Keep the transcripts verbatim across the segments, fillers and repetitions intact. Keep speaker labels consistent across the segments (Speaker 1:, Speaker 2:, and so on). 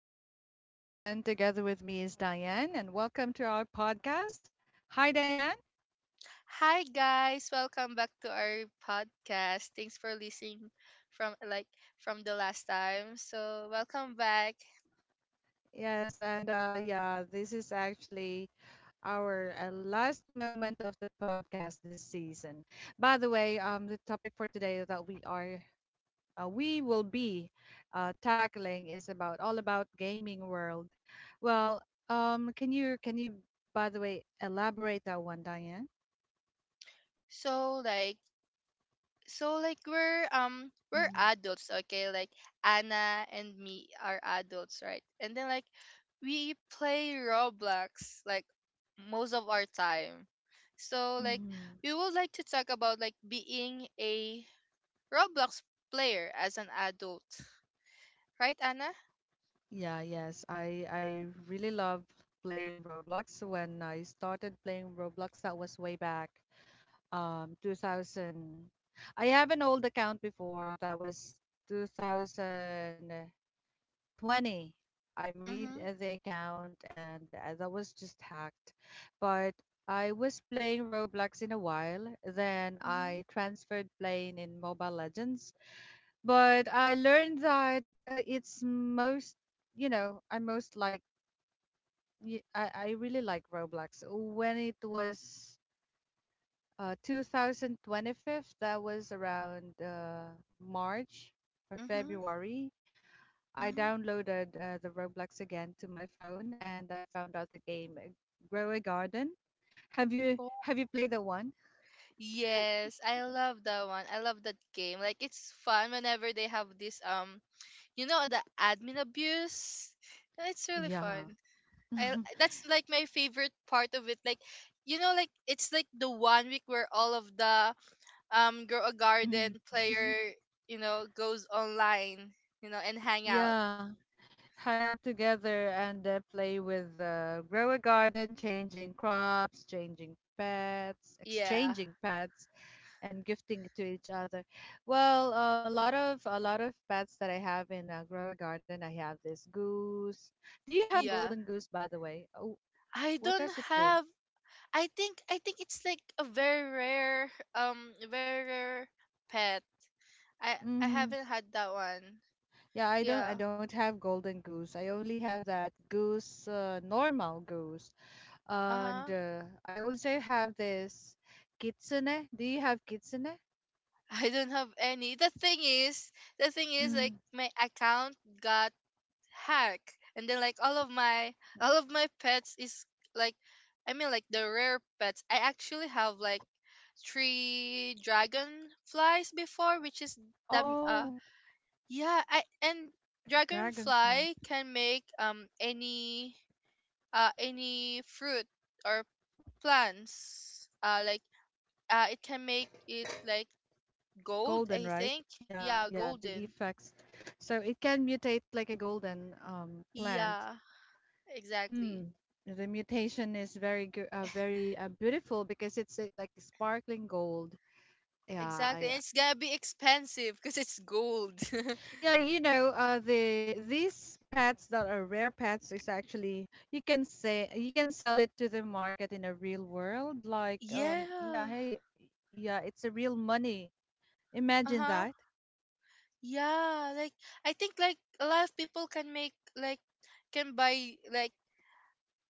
Speaker 1: This is Anna once again. Together with me is Diane, and welcome to our podcast. Hi, Diane.
Speaker 2: Hi guys, welcome back to our podcast. Thanks for listening from like from the last time. So welcome back.
Speaker 1: Yes, and uh, yeah, this is actually our uh, last moment of the podcast this season. By the way, um, the topic for today that we are uh, we will be uh, tackling is about all about gaming world. Well, um, can you can you by the way elaborate that one, Diane?
Speaker 2: So like so like we're um we're adults, okay? Like Anna and me are adults, right? And then like we play Roblox like most of our time. So like
Speaker 1: Mhm.
Speaker 2: we would like to talk about like being a Roblox player as an adult. Right, Anna?
Speaker 1: Yeah, yes. I I really love playing Roblox. When I started playing Roblox, that was way back um two thousand. I have an old account before that was two thousand twenty. I made
Speaker 2: Mhm.
Speaker 1: uh, the account and uh, that was just hacked. But I was playing Roblox in a while. Then
Speaker 2: Mhm.
Speaker 1: I transferred playing in Mobile Legends, but I learned that uh, it's most, you know, I most like, y- I, I really like Roblox. When it was uh, two thousand twenty-five, that was around uh, March or
Speaker 2: Mm-hmm.
Speaker 1: February, I
Speaker 2: Mm-hmm.
Speaker 1: downloaded uh, the Roblox again to my phone and I found out the game, uh, Grow a Garden. Have you
Speaker 2: Oh.
Speaker 1: have you played the one?
Speaker 2: Yes, I love that one. I love that game. Like it's fun whenever they have this um, you know, the admin abuse. It's really
Speaker 1: Yeah.
Speaker 2: fun. I that's like my favorite part of it. Like, you know, like it's like the one week where all of the um grow a
Speaker 1: Mm.
Speaker 2: garden player, you know, goes online, you know, and hang out.
Speaker 1: Yeah. Hang out together and uh, play with uh, grow a garden, changing crops, changing pets,
Speaker 2: Yeah.
Speaker 1: exchanging pets, and gifting it to each other. Well, um, a lot of a lot of pets that I have in uh, grow a garden. I have this goose. Do you have
Speaker 2: Yeah.
Speaker 1: golden goose, by the way? Oh,
Speaker 2: I
Speaker 1: what
Speaker 2: don't
Speaker 1: does it do?
Speaker 2: have I think I think it's like a very rare um very rare pet. I I
Speaker 1: Mm-hmm.
Speaker 2: haven't had that one.
Speaker 1: Yeah, I don't I
Speaker 2: Yeah.
Speaker 1: don't have golden goose. I only have that goose, uh, normal goose. And
Speaker 2: Uh-huh.
Speaker 1: uh, I also have this kitsune. Do you have kitsune?
Speaker 2: I don't have any. The thing is, the thing is like
Speaker 1: Mm.
Speaker 2: my account got hacked and then like all of my all of my pets is like I mean like the rare pets. I actually have like three dragonflies before which is the uh
Speaker 1: Oh,
Speaker 2: yeah, I, and
Speaker 1: a dragonfly.
Speaker 2: dragonfly can make um any uh any fruit or plants. Uh like uh it can make it like gold,
Speaker 1: Golden,
Speaker 2: I
Speaker 1: right?
Speaker 2: think.
Speaker 1: Yeah,
Speaker 2: Yeah,
Speaker 1: yeah, the
Speaker 2: golden.
Speaker 1: effects. So it can mutate like a golden um, plant.
Speaker 2: Yeah, exactly.
Speaker 1: Mm. The mutation is very, goo- uh, very uh, beautiful because it's uh, like sparkling gold. Yeah,
Speaker 2: Exactly.
Speaker 1: I,
Speaker 2: And it's gonna be expensive because it's gold.
Speaker 1: Yeah, you know, uh, the these pets that are rare pets is actually you can say you can sell it to the market in a real world. Like, um, yeah,
Speaker 2: Yeah.
Speaker 1: hey, yeah, it's a real money. Imagine
Speaker 2: Uh-huh.
Speaker 1: that.
Speaker 2: Yeah, like I think like a lot of people can make like can buy like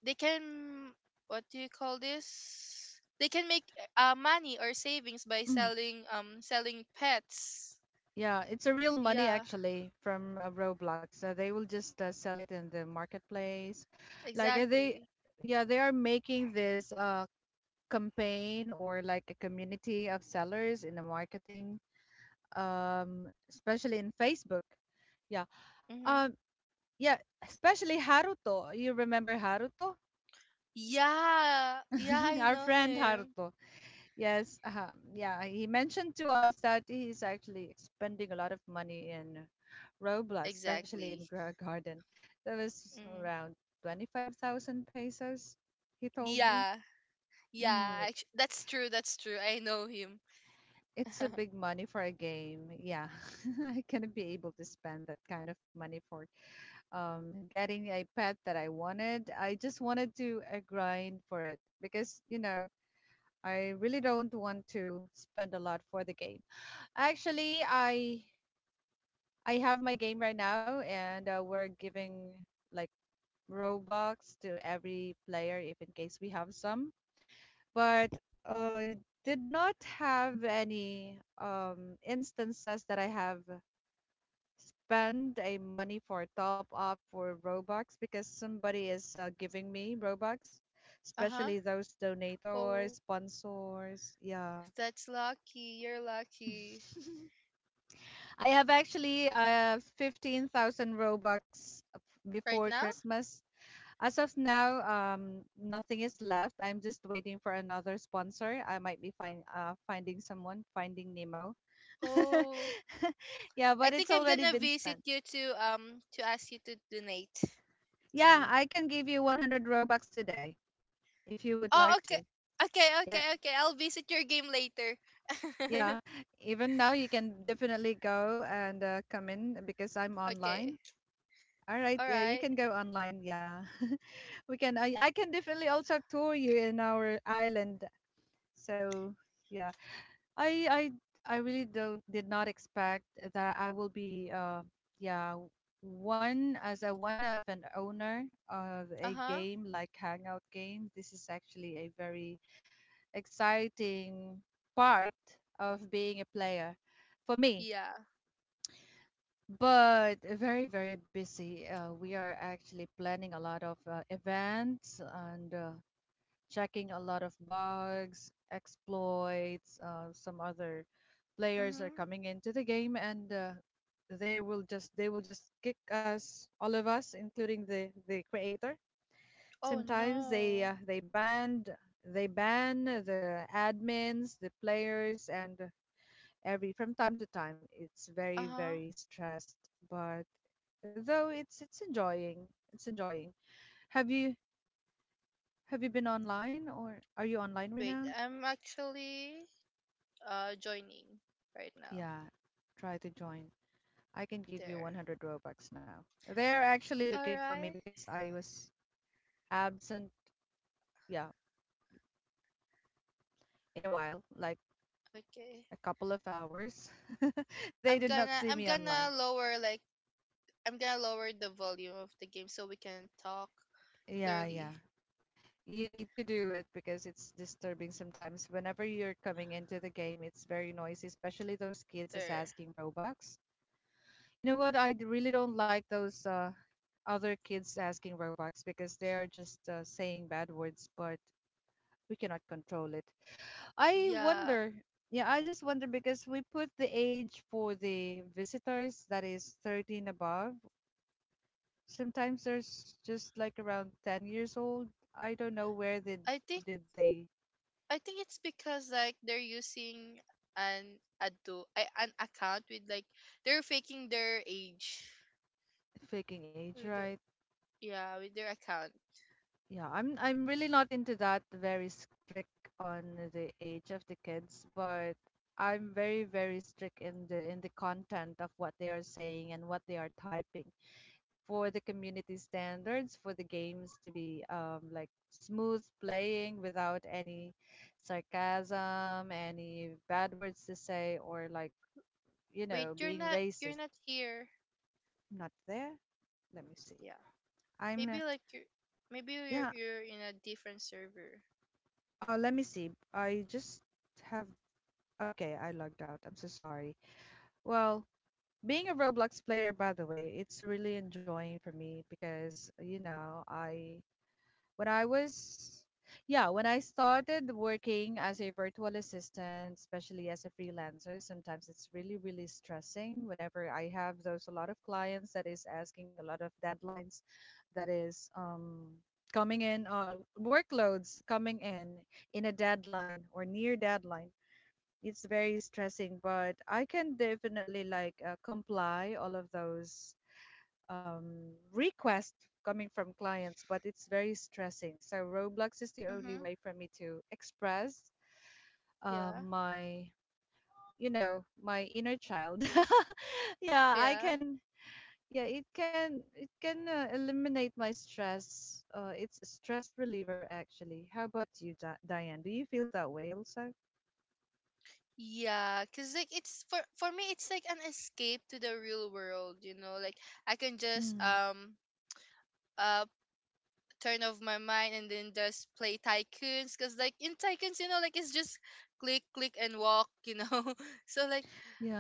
Speaker 2: they can what do you call this? They can make uh, money or savings by
Speaker 1: Mhm.
Speaker 2: selling um selling pets.
Speaker 1: Yeah, it's a real money
Speaker 2: Yeah,
Speaker 1: actually from uh, Roblox. So they will just uh, sell it in the marketplace. Like uh, they,
Speaker 2: exactly.
Speaker 1: yeah, they are making this uh campaign or like a community of sellers in the marketing, um, especially in Facebook. Yeah.
Speaker 2: Mm-hmm.
Speaker 1: Um, yeah, especially Haruto. You remember Haruto?
Speaker 2: Yeah, yeah, I
Speaker 1: Our
Speaker 2: know
Speaker 1: friend
Speaker 2: him.
Speaker 1: Haruto. Yes. Uh, yeah, he mentioned to us that he's actually spending a lot of money in Roblox, especially in
Speaker 2: Exactly.
Speaker 1: Gra Garden. That was
Speaker 2: Mm.
Speaker 1: around twenty-five thousand pesos, he told me.
Speaker 2: Yeah,
Speaker 1: Mm,
Speaker 2: yeah. actu- That's true. That's true. I know him.
Speaker 1: it's a
Speaker 2: Uh
Speaker 1: big money for a game. Yeah, I cannot be able to spend that kind of money for um, getting a pet that I wanted. I just wanted to uh, grind for it because, you know, I really don't want to spend a lot for the game. Actually, I I have my game right now, and uh, we're giving like Robux to every player if in case we have some. But uh, I did not have any um, instances that I have spend a money for top up for Robux because somebody is uh, giving me Robux,
Speaker 2: huh.
Speaker 1: especially those donators,
Speaker 2: Oh,
Speaker 1: sponsors. Yeah.
Speaker 2: that's lucky. You're lucky
Speaker 1: I have actually uh fifteen thousand Robux before
Speaker 2: right now.
Speaker 1: Christmas. As of now, um nothing is left. I'm just waiting for another sponsor. I might be find uh finding someone, finding Nemo.
Speaker 2: Oh,
Speaker 1: Yeah,
Speaker 2: I
Speaker 1: but
Speaker 2: think
Speaker 1: it's
Speaker 2: I'm
Speaker 1: already
Speaker 2: gonna
Speaker 1: been
Speaker 2: visit
Speaker 1: spent.
Speaker 2: you to um to ask you to donate to
Speaker 1: Yeah,
Speaker 2: me.
Speaker 1: I can give you one hundred Robux today, if you would
Speaker 2: Oh,
Speaker 1: like
Speaker 2: okay.
Speaker 1: to.
Speaker 2: Okay, okay,
Speaker 1: Yeah,
Speaker 2: okay. I'll visit your game later.
Speaker 1: yeah. Even now, you can definitely go and uh, come in because I'm
Speaker 2: Okay.
Speaker 1: online. All right,
Speaker 2: All
Speaker 1: yeah, you
Speaker 2: right.
Speaker 1: can go online. Yeah, we can. I, I can definitely also tour you in our island. So yeah, I I I really don't did not expect that I will be uh yeah one as a one of an owner of
Speaker 2: Uh
Speaker 1: a
Speaker 2: huh.
Speaker 1: game like Hangout game. This is actually a very exciting part of being a player for me.
Speaker 2: Yeah.
Speaker 1: But very, very busy. Uh, we are actually planning a lot of uh, events and uh, checking a lot of bugs, exploits. Uh, some other players are
Speaker 2: Mhm.
Speaker 1: coming into the game and uh, they will just they will just kick us all of us including the the creator.
Speaker 2: Oh
Speaker 1: Sometimes they
Speaker 2: no.
Speaker 1: uh, they banned they ban the admins, the players, and every from time to time. It's
Speaker 2: Uh
Speaker 1: very
Speaker 2: huh.
Speaker 1: very stressed, but though it's it's enjoying. It's enjoying. Have you have you been online or are you online right
Speaker 2: Wait.
Speaker 1: now?
Speaker 2: I'm actually uh joining right now.
Speaker 1: Yeah, try to join. I can give you
Speaker 2: There.
Speaker 1: one hundred Robux now. They're actually
Speaker 2: All
Speaker 1: looking for me
Speaker 2: right.
Speaker 1: because I was absent, yeah, in a while, like
Speaker 2: Okay.
Speaker 1: a couple of hours. They
Speaker 2: I'm
Speaker 1: did not
Speaker 2: gonna
Speaker 1: see
Speaker 2: I'm
Speaker 1: me
Speaker 2: gonna
Speaker 1: online.
Speaker 2: lower like I'm gonna lower the volume of the game so we can talk
Speaker 1: Yeah,
Speaker 2: clearly.
Speaker 1: yeah. You need to do it because it's disturbing sometimes. Whenever you're coming into the game, it's very noisy, especially those kids is
Speaker 2: There.
Speaker 1: asking Robux. You know what? I d- really don't like those uh, other kids asking Robux because they are just uh, saying bad words, but we cannot control it. I
Speaker 2: Yeah.
Speaker 1: wonder. Yeah, I just wonder because we put the age for the visitors that is thirteen above. Sometimes there's just like around ten years old. I don't know where they
Speaker 2: I think
Speaker 1: did they
Speaker 2: I think it's because like they're using an adu, I- an account with like they're faking their age.
Speaker 1: faking age,
Speaker 2: With their,
Speaker 1: right?
Speaker 2: yeah, with their account.
Speaker 1: Yeah, I'm I'm really not into that very strict on the age of the kids, but I'm very very strict in the in the content of what they are saying and what they are typing for the community standards for the games to be um, like smooth playing without any sarcasm, any bad words to say, or like, you
Speaker 2: Wait,
Speaker 1: know,
Speaker 2: you're
Speaker 1: being
Speaker 2: not you're
Speaker 1: racist.
Speaker 2: not here.
Speaker 1: I'm not there. Let me see.
Speaker 2: Yeah.
Speaker 1: I'm
Speaker 2: Maybe like you're maybe you're
Speaker 1: yeah.
Speaker 2: you're in a different server.
Speaker 1: Uh, let me see. I just have. Okay, I logged out. I'm so sorry. Well, being a Roblox player, by the way, it's really enjoying for me because, you know, I when I was, yeah, when I started working as a virtual assistant, especially as a freelancer, sometimes it's really, really stressing whenever I have those a lot of clients that is asking a lot of deadlines that is um, coming in, uh, workloads coming in in a deadline or near deadline. It's very stressing, but I can definitely like uh, comply all of those um, request coming from clients, but it's very stressing. So Roblox is the only
Speaker 2: Mhm.
Speaker 1: way for me to express uh,
Speaker 2: Yeah.
Speaker 1: my, you know, my inner child. Yeah, I
Speaker 2: Yeah.
Speaker 1: can. Yeah, it can it can uh, eliminate my stress. Uh, it's a stress reliever actually. How about you, Di- Diane? Do you feel that way also?
Speaker 2: Yeah, cause like it's for for me it's like an escape to the real world, you know. Like I can just
Speaker 1: Mm,
Speaker 2: um uh turn off my mind and then just play tycoons because like in tycoons you know like it's just click click and walk you know so like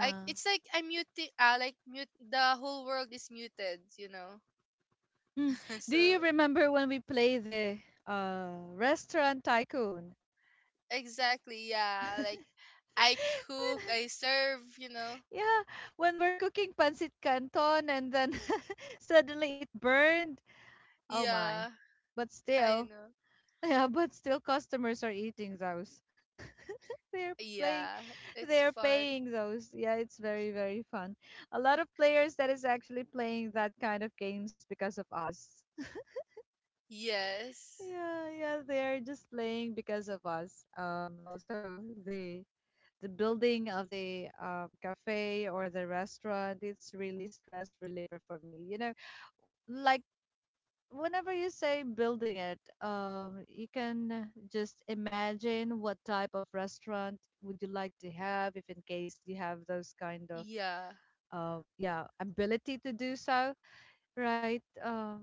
Speaker 2: I it's like I'm muted uh, like mute the whole world is muted you know
Speaker 1: Mm. Do
Speaker 2: so
Speaker 1: you remember when we play the uh, Restaurant Tycoon?
Speaker 2: exactly yeah like I cook I serve you know
Speaker 1: Yeah, when we're cooking pancit canton and then suddenly it burned. Oh my.
Speaker 2: yeah
Speaker 1: But
Speaker 2: I
Speaker 1: still,
Speaker 2: know
Speaker 1: yeah, but still customers are eating those. They're playing
Speaker 2: yeah it's
Speaker 1: they're
Speaker 2: fun
Speaker 1: paying those. Yeah, it's very very fun. A lot of players that is actually playing that kind of games because of us.
Speaker 2: yes
Speaker 1: Yeah, yeah, they're just playing because of us. Um, also the the building of the um, cafe or the restaurant, it's really stress reliever for me, you know, like whenever you say building it, um, you can just imagine what type of restaurant would you like to have if in case you have those kind of
Speaker 2: yeah
Speaker 1: uh, yeah ability to do so, right? Um,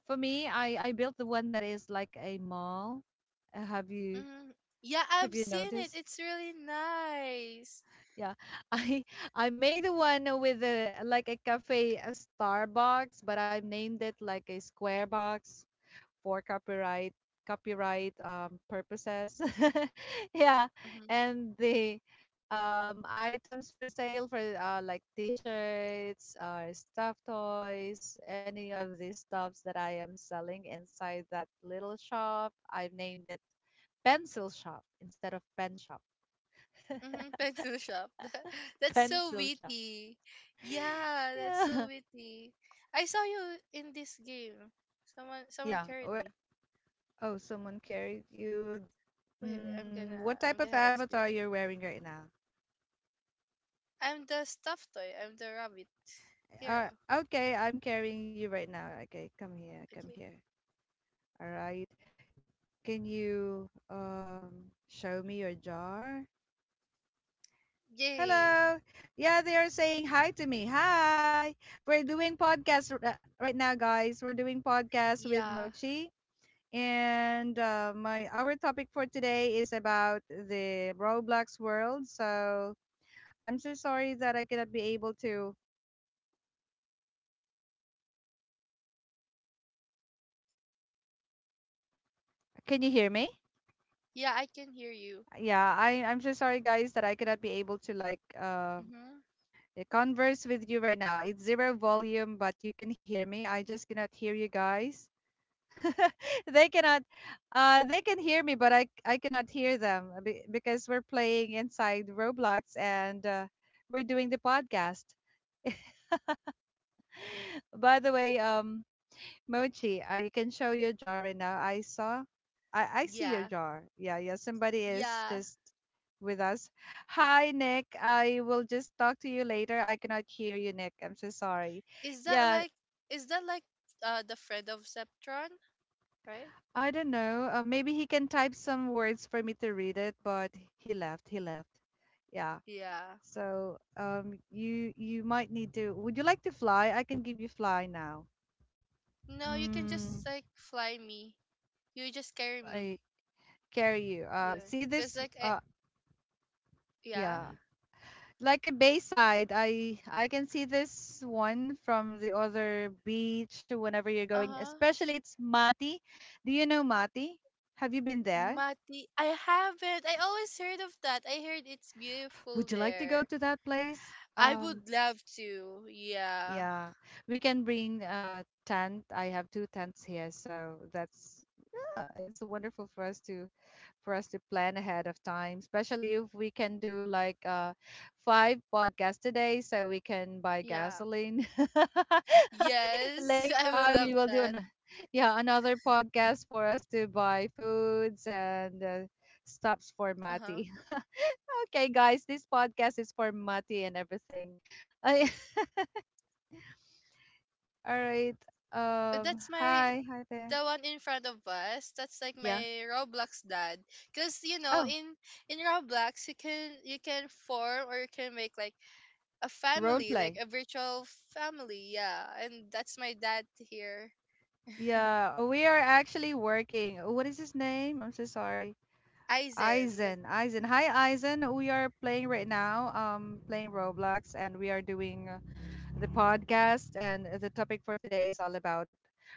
Speaker 1: for me, i i built the one that is like a mall. Uh, have you
Speaker 2: mm, yeah I've
Speaker 1: have you
Speaker 2: seen it
Speaker 1: noticed
Speaker 2: it's really nice.
Speaker 1: Yeah, I I made the one with a like a cafe, a Starbucks, but I named it like a square box for copyright copyright um, purposes. Yeah,
Speaker 2: Mm-hmm.
Speaker 1: and the, um, items for sale for uh, like t-shirts, uh, stuffed toys, any of these stuffs that I am selling inside that little shop, I've named it pencil shop instead of pen shop.
Speaker 2: Mm-hmm, pencil shop. That's so
Speaker 1: Pencil shop.
Speaker 2: witty. Yeah, that's so
Speaker 1: Yeah.
Speaker 2: witty. I saw you in this game. Someone someone
Speaker 1: Yeah.
Speaker 2: carried
Speaker 1: Where,
Speaker 2: me.
Speaker 1: oh, someone carried you.
Speaker 2: Wait, wait, I'm
Speaker 1: Mm,
Speaker 2: gonna
Speaker 1: what
Speaker 2: I'm
Speaker 1: type of
Speaker 2: gonna exit.
Speaker 1: avatar you're wearing right now?
Speaker 2: I'm the stuffed toy. I'm the rabbit
Speaker 1: Uh,
Speaker 2: hero.
Speaker 1: okay, I'm carrying you right now. Okay, come here, come
Speaker 2: Okay.
Speaker 1: here. All right. Can you um show me your jar?
Speaker 2: Yay.
Speaker 1: Hello. Yeah, they are saying hi to me. Hi. We're doing podcast r- uh, right now, guys. We're doing podcast with
Speaker 2: Yeah.
Speaker 1: Mochi. And uh, my our topic for today is about the Roblox world. So I'm so sorry that I cannot be able to. Can you hear me?
Speaker 2: Yeah, I can hear you.
Speaker 1: Yeah, I I'm so sorry guys that I cannot be able to like uh
Speaker 2: Mm-hmm.
Speaker 1: converse with you right now. It's zero volume, but you can hear me. I just cannot hear you guys. They cannot uh they can hear me, but I I cannot hear them, uh, be- because we're playing inside Roblox and uh, we're doing the podcast. By the way, um, Mochi, uh, you can show your jar right now. I saw, I, I see your
Speaker 2: Yeah.
Speaker 1: jar. Yeah, yeah. Somebody is
Speaker 2: Yeah.
Speaker 1: just with us. Hi, Nick. I will just talk to you later. I cannot hear you, Nick. I'm so sorry.
Speaker 2: Is that
Speaker 1: Yeah,
Speaker 2: like is that like uh the friend of Zeptron, right?
Speaker 1: I don't know. Uh, maybe he can type some words for me to read it, but he left. He left. Yeah.
Speaker 2: Yeah.
Speaker 1: So um, you you might need to. Would you like to fly? I can give you fly now.
Speaker 2: No, you can just
Speaker 1: Mm,
Speaker 2: like fly me. You just carry me.
Speaker 1: I carry you. Uh,
Speaker 2: Yeah.
Speaker 1: see
Speaker 2: Just
Speaker 1: this?
Speaker 2: like I,
Speaker 1: Uh,
Speaker 2: yeah.
Speaker 1: yeah. Like a bayside. I I can see this one from the other beach whenever you're going.
Speaker 2: Uh-huh.
Speaker 1: Especially it's Mati. Do you know Mati? Have you been there?
Speaker 2: Mati. I haven't. I always heard of that. I heard it's beautiful
Speaker 1: Would you like to go
Speaker 2: there.
Speaker 1: to that place?
Speaker 2: I
Speaker 1: Um,
Speaker 2: would love to. Yeah.
Speaker 1: yeah, we can bring a tent. I have two tents here, so that's yeah, it's wonderful for us to for us to plan ahead of time, especially if we can do like uh, five podcasts today so we can buy
Speaker 2: Yeah.
Speaker 1: gasoline.
Speaker 2: Yes,
Speaker 1: Later
Speaker 2: I would
Speaker 1: on,
Speaker 2: love
Speaker 1: we will do
Speaker 2: that.
Speaker 1: an, yeah, another podcast for us to buy foods and uh, stops for
Speaker 2: Uh-huh.
Speaker 1: Mati. Okay, guys, this podcast is for Mati and everything. All right.
Speaker 2: But
Speaker 1: Um,
Speaker 2: that's my
Speaker 1: hi, hi there.
Speaker 2: the one in front of us. That's like
Speaker 1: Yeah.
Speaker 2: my Roblox dad. Cause you know,
Speaker 1: Oh,
Speaker 2: in in Roblox you can you can form or you can make like a
Speaker 1: role
Speaker 2: family, like
Speaker 1: play.
Speaker 2: a virtual family, yeah. And that's my dad here.
Speaker 1: Yeah, uh, we are actually working. Oh, what is his name? I'm so sorry.
Speaker 2: Aizen.
Speaker 1: Aizen. Aizen. Hi, Aizen. We are playing right now, um, playing Roblox, and we are doing uh, the podcast. And the topic for today is all about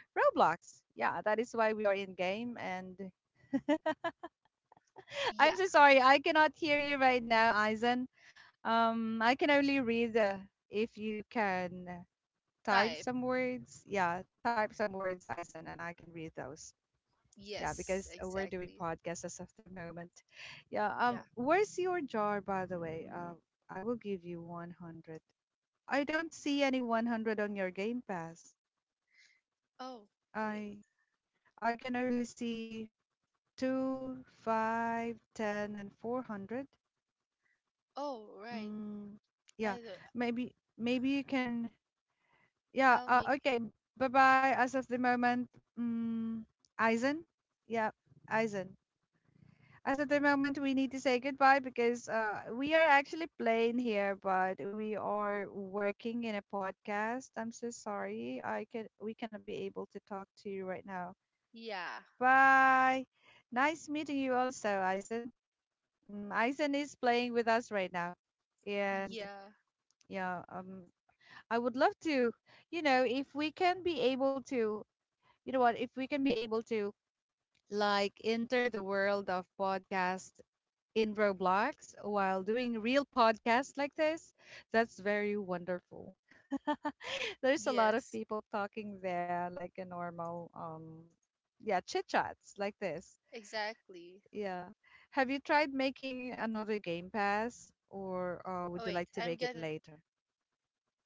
Speaker 1: Roblox. Yeah, that is why we are in game. And I'm
Speaker 2: Yeah,
Speaker 1: so sorry, I cannot hear you right now, Aizen. Um, I can only read uh, if you can type
Speaker 2: type.
Speaker 1: some words. Yeah, type some words, Aizen, and I can read those. Yeah,
Speaker 2: Yes,
Speaker 1: because uh, we're doing
Speaker 2: exactly.
Speaker 1: podcasts as of the moment. Yeah. Um.
Speaker 2: Yeah.
Speaker 1: Where's your jar, by the way? Um. I will give you one hundred. I don't see any one hundred on your Game Pass.
Speaker 2: Oh, wait.
Speaker 1: I I can only see two, five, ten, and four hundred.
Speaker 2: Oh, right.
Speaker 1: Mm. Yeah.
Speaker 2: I do-
Speaker 1: Maybe maybe you can. Yeah.
Speaker 2: I'll make.
Speaker 1: Uh, okay. Bye bye. As of the moment. Mm. Aizen. Yeah. Aizen. As at the moment we need to say goodbye because uh, we are actually playing here, but we are working in a podcast. I'm so sorry. I can We cannot be able to talk to you right now.
Speaker 2: Yeah.
Speaker 1: Bye. Nice meeting you also, Aizen. Mm, Aizen is playing with us right now and
Speaker 2: Yeah.
Speaker 1: yeah um I would love to you know if we can be able to you know what if we can be able to like enter the world of podcasts in Roblox while doing real podcasts like this, that's very wonderful. There's a lot of
Speaker 2: Yes.
Speaker 1: people talking there, like a normal, um, yeah, chit chats like this.
Speaker 2: Exactly.
Speaker 1: Yeah. Have you tried making another Game Pass, or uh,
Speaker 2: Oh
Speaker 1: would you
Speaker 2: wait,
Speaker 1: like to
Speaker 2: I'm
Speaker 1: make it
Speaker 2: gonna
Speaker 1: later?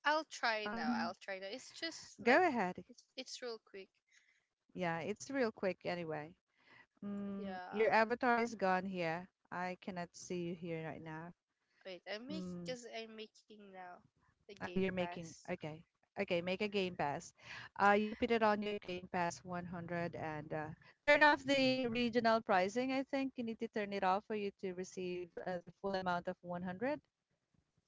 Speaker 2: I'll try now.
Speaker 1: Um,
Speaker 2: I'll try now. It's just like
Speaker 1: go ahead.
Speaker 2: it's it's real quick.
Speaker 1: Yeah, it's real quick anyway. Mm, your
Speaker 2: Yeah.
Speaker 1: avatar is gone here. I cannot see you here right now.
Speaker 2: Wait, I make
Speaker 1: Mm.
Speaker 2: cuz I'm making now the
Speaker 1: Uh,
Speaker 2: game
Speaker 1: you're making
Speaker 2: pass.
Speaker 1: okay. Okay, make a Game Pass. Uh, you put it on your Game Pass one hundred and uh, turn off the regional pricing. I think you need to turn it off for you to receive uh, the full amount of one hundred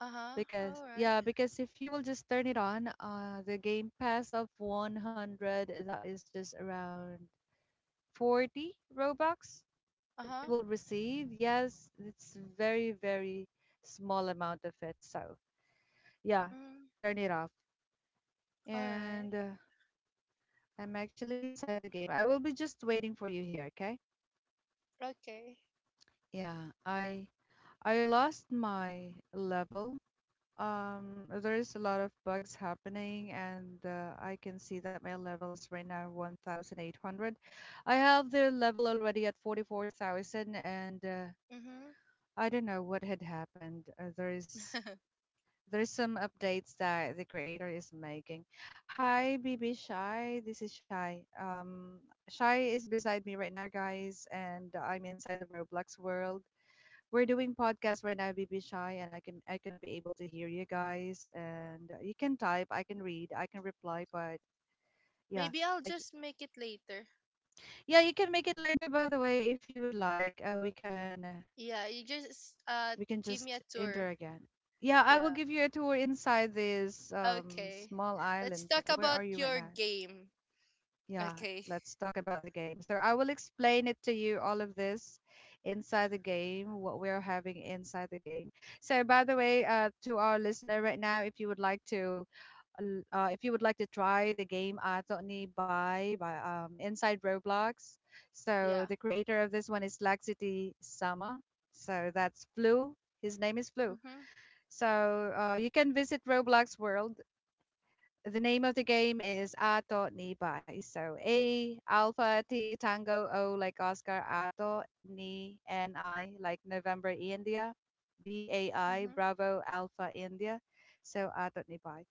Speaker 2: Uh-huh.
Speaker 1: because
Speaker 2: All right.
Speaker 1: yeah, because if you will just turn it on, uh, the Game Pass of one hundred that is just around forty Robux that
Speaker 2: Uh-huh.
Speaker 1: you will receive. Yes, it's very very small amount of it. So yeah,
Speaker 2: Mm,
Speaker 1: turn it off.
Speaker 2: all right.
Speaker 1: And uh, I'm actually inside the game. I will be just waiting for you here, okay?
Speaker 2: Okay.
Speaker 1: Yeah, I I lost my level. Um, there's a lot of bugs happening, and uh, I can see that my level is right now one thousand eight hundred. I have the level already at forty-four thousand, and uh,
Speaker 2: Mhm.
Speaker 1: I don't know what had happened. Uh, there is There's some updates that the creator is making. Hi, B B Shy. This is Shy. Um, Shy is beside me right now, guys, and I'm inside the Roblox world. We're doing podcast right now, B B Shy, and I can I cannot be able to hear you guys. And uh, You can type, I can read, I can reply, but yeah,
Speaker 2: Maybe I'll
Speaker 1: I
Speaker 2: just make it later.
Speaker 1: yeah you can make it later. By the way, if you would like, uh, we can. Uh,
Speaker 2: Yeah, you just uh
Speaker 1: we can
Speaker 2: give me a
Speaker 1: just
Speaker 2: tour.
Speaker 1: enter again. Yeah, I will
Speaker 2: Yeah.
Speaker 1: give you a tour inside this um,
Speaker 2: Okay.
Speaker 1: small
Speaker 2: Let's
Speaker 1: island.
Speaker 2: talk
Speaker 1: Where
Speaker 2: about
Speaker 1: are you right
Speaker 2: your
Speaker 1: now?
Speaker 2: game.
Speaker 1: Yeah,
Speaker 2: Okay.
Speaker 1: let's talk about the game. So I will explain it to you all of this inside the game, what we're having inside the game. So by the way, uh, to our listener right now, if you would like to, l- uh, if you would like to try the game Atoni by by um, inside Roblox. So
Speaker 2: Yeah.
Speaker 1: the creator of this one is Laxity Sama. So that's Blue. His name is Blue.
Speaker 2: Mhm.
Speaker 1: So uh, you can visit Roblox World. The name of the game is Ato ni Bai. So A Alpha T Tango O like Oscar Ato ni N I like November India. B A I
Speaker 2: Mhm.
Speaker 1: Bravo Alpha India. So Ato ni Bai.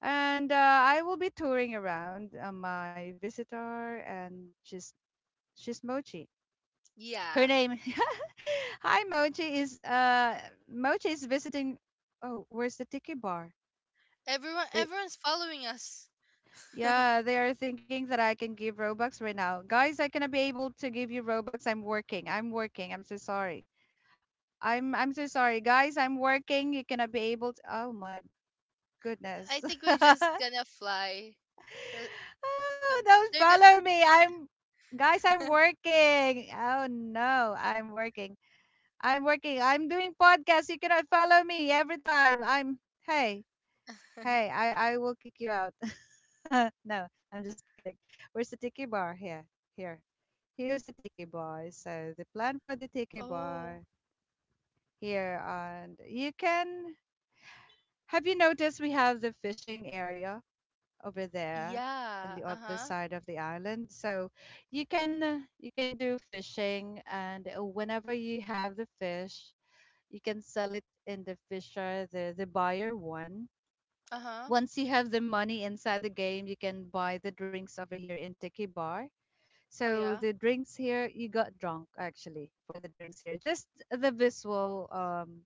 Speaker 1: And uh, I will be touring around uh, my visitor and she's she's Mochi. Her
Speaker 2: Yeah.
Speaker 1: name Hi Mochi is uh Mochi is visiting. Oh, where's the tiki bar?
Speaker 2: Everyone
Speaker 1: I
Speaker 2: everyone's following us.
Speaker 1: Yeah, they are thinking that I can give Robux right now. Guys, I cannot be able to give you Robux. I'm working. I'm working. I'm so sorry. I'm I'm so sorry. Guys, I'm working. You cannot be able to Oh my
Speaker 2: I
Speaker 1: goodness.
Speaker 2: think we're just
Speaker 1: Oh,
Speaker 2: gonna fly. Uh, But
Speaker 1: don't
Speaker 2: they're
Speaker 1: follow me. I'm Guys, I'm
Speaker 2: gonna
Speaker 1: working. Oh no, I'm working. I'm working. I'm doing podcasts. You cannot follow me every time. I'm hey, Hey, I, I will kick you out. No, I'm just kidding. Where's the tiki bar? Here. Here. Here's the tiki bar. So the plan for the tiki
Speaker 2: Oh.
Speaker 1: bar here, and you can. Have you noticed we have the fishing area over there in
Speaker 2: Yeah.
Speaker 1: the other
Speaker 2: Uh-huh.
Speaker 1: side of the island? So you can uh, you can do fishing, and uh, whenever you have the fish, you can sell it in the fisher, the the buyer one.
Speaker 2: Uh-huh.
Speaker 1: Once you have the money inside the game, you can buy the drinks over here in Tiki Bar.
Speaker 2: Oh
Speaker 1: So
Speaker 2: yeah.
Speaker 1: the drinks here, you got drunk actually for the drinks here. Just the visual, um,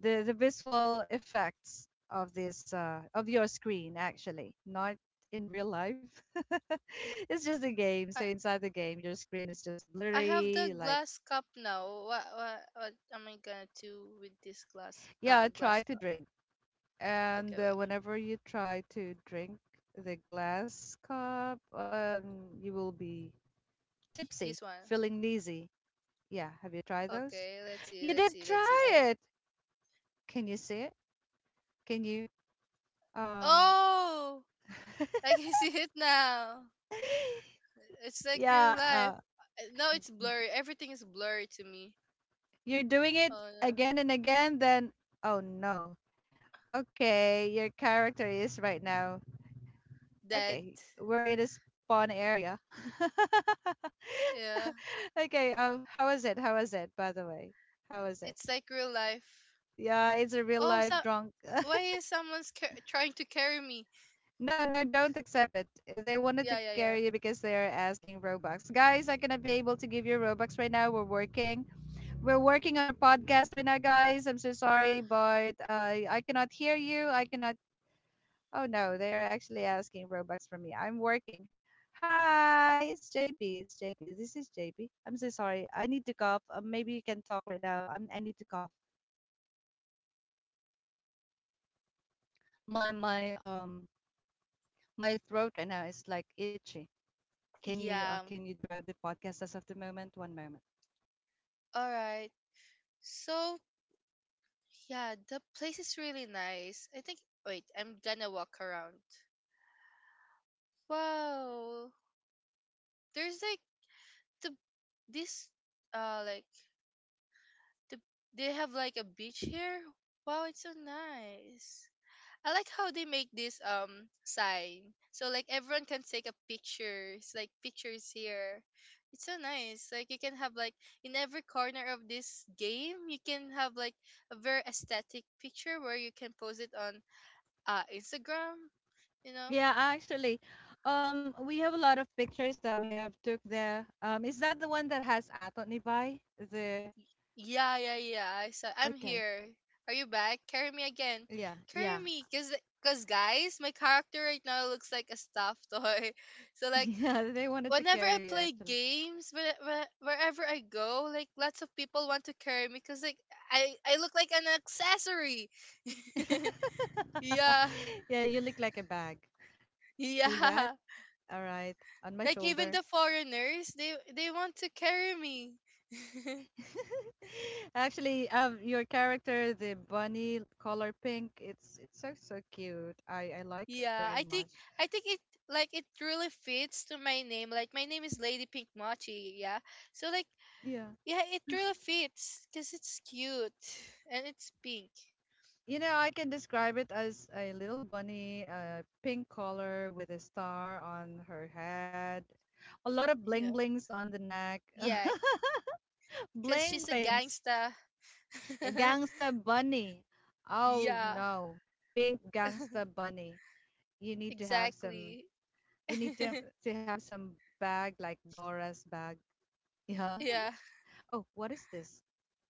Speaker 1: the the visual effects of this uh, of your screen actually, not in real life. It's just a game.
Speaker 2: I
Speaker 1: So inside the game, your screen is just
Speaker 2: I have
Speaker 1: blurry.
Speaker 2: the
Speaker 1: Like
Speaker 2: glass cup now. What what what am I gonna do with this glass
Speaker 1: yeah,
Speaker 2: uh
Speaker 1: try
Speaker 2: glass
Speaker 1: to
Speaker 2: cup?
Speaker 1: drink,
Speaker 2: Okay,
Speaker 1: and uh,
Speaker 2: wait.
Speaker 1: whenever you try to drink the glass cup, um, you will be tipsy,
Speaker 2: This one.
Speaker 1: feeling dizzy. Yeah, have you tried those?
Speaker 2: Okay, let's see,
Speaker 1: You
Speaker 2: let's
Speaker 1: did
Speaker 2: see, let's see.
Speaker 1: try
Speaker 2: I
Speaker 1: it. Can you see it? Can you? Um,
Speaker 2: Oh, I can see it now. It's like real
Speaker 1: yeah,
Speaker 2: life.
Speaker 1: uh,
Speaker 2: Uh, No, it's blurry. Everything is blurry to me.
Speaker 1: you're doing it
Speaker 2: Oh no,
Speaker 1: again and again, then oh no. Okay, your character is right now.
Speaker 2: dead.
Speaker 1: Okay, we're in a spawn area.
Speaker 2: Yeah,
Speaker 1: Okay, um, how was it? How was it, by the way? How was it?
Speaker 2: it's like real life.
Speaker 1: Yeah, it's a real
Speaker 2: Oh, so
Speaker 1: life drunk.
Speaker 2: why is someone's car- trying to carry me?
Speaker 1: No, no, don't accept it. They wanted to
Speaker 2: Yeah, yeah, yeah.
Speaker 1: carry you because they are asking Robux. Guys, I'm gonna be able to give you Robux right now. We're working. We're working on a podcast right now, guys. I'm so sorry, but uh, I cannot hear you. I cannot. Oh no, they are actually asking Robux from me. I'm working. Hi, it's J P. It's J P. This is J P. I'm so sorry. I need to cough. Uh, maybe you can talk right now. I'm, I need to cough. My my um my throat right now is like itchy. Can you uh,
Speaker 2: Yeah.
Speaker 1: can you drive the podcast as of the moment? One moment.
Speaker 2: All right. So yeah, the place is really nice, I think. Wait, I'm gonna walk around. Wow. There's like the this uh like the, they have like a beach here. Wow, it's so nice. I like how they make this um sign. So like everyone can take a picture. It's like pictures here. It's so nice. Like you can have like in every corner of this game, you can have like a very aesthetic picture where you can post it on uh Instagram, you know?
Speaker 1: Yeah, actually, um, we have a lot of pictures that we have took there. Um, is that the one that has Aton Ibai? The
Speaker 2: Yeah, yeah, yeah. I So I'm
Speaker 1: okay,
Speaker 2: here. Are you back? Carry me again.
Speaker 1: yeah,
Speaker 2: Carry
Speaker 1: yeah,
Speaker 2: me, cause, cause guys, my character right now looks like a stuffed toy. So like,
Speaker 1: yeah. They wanted to
Speaker 2: whenever I
Speaker 1: carry you
Speaker 2: play
Speaker 1: actually.
Speaker 2: games, where, where, wherever I go, like lots of people want to carry me, cause like I, I look like an accessory. Yeah,
Speaker 1: Yeah, you look like a bag. See that?
Speaker 2: yeah.
Speaker 1: All right, on my
Speaker 2: Like even
Speaker 1: shoulder.
Speaker 2: the foreigners, they, they want to carry me.
Speaker 1: Actually, um, your character, the bunny color pink, it's it's so so cute. I I like it
Speaker 2: Yeah,
Speaker 1: very
Speaker 2: I think
Speaker 1: much.
Speaker 2: I think it like it really fits to my name. Like my name is Lady Pink Mochi, yeah. So like
Speaker 1: Yeah.
Speaker 2: yeah, it really fits cuz it's cute and it's pink.
Speaker 1: You know, I can describe it as a little bunny, a pink color with a star on her head, a lot of bling
Speaker 2: Yeah.
Speaker 1: blings on the neck.
Speaker 2: Yeah, cuz
Speaker 1: Bling
Speaker 2: she's a
Speaker 1: blings.
Speaker 2: gangsta.
Speaker 1: A gangsta bunny. Oh
Speaker 2: Yeah,
Speaker 1: no. Pink gangsta bunny. You need to have some
Speaker 2: exactly.
Speaker 1: you need to to have some bag like Dora's bag. Yeah.
Speaker 2: Yeah.
Speaker 1: Oh, what is this?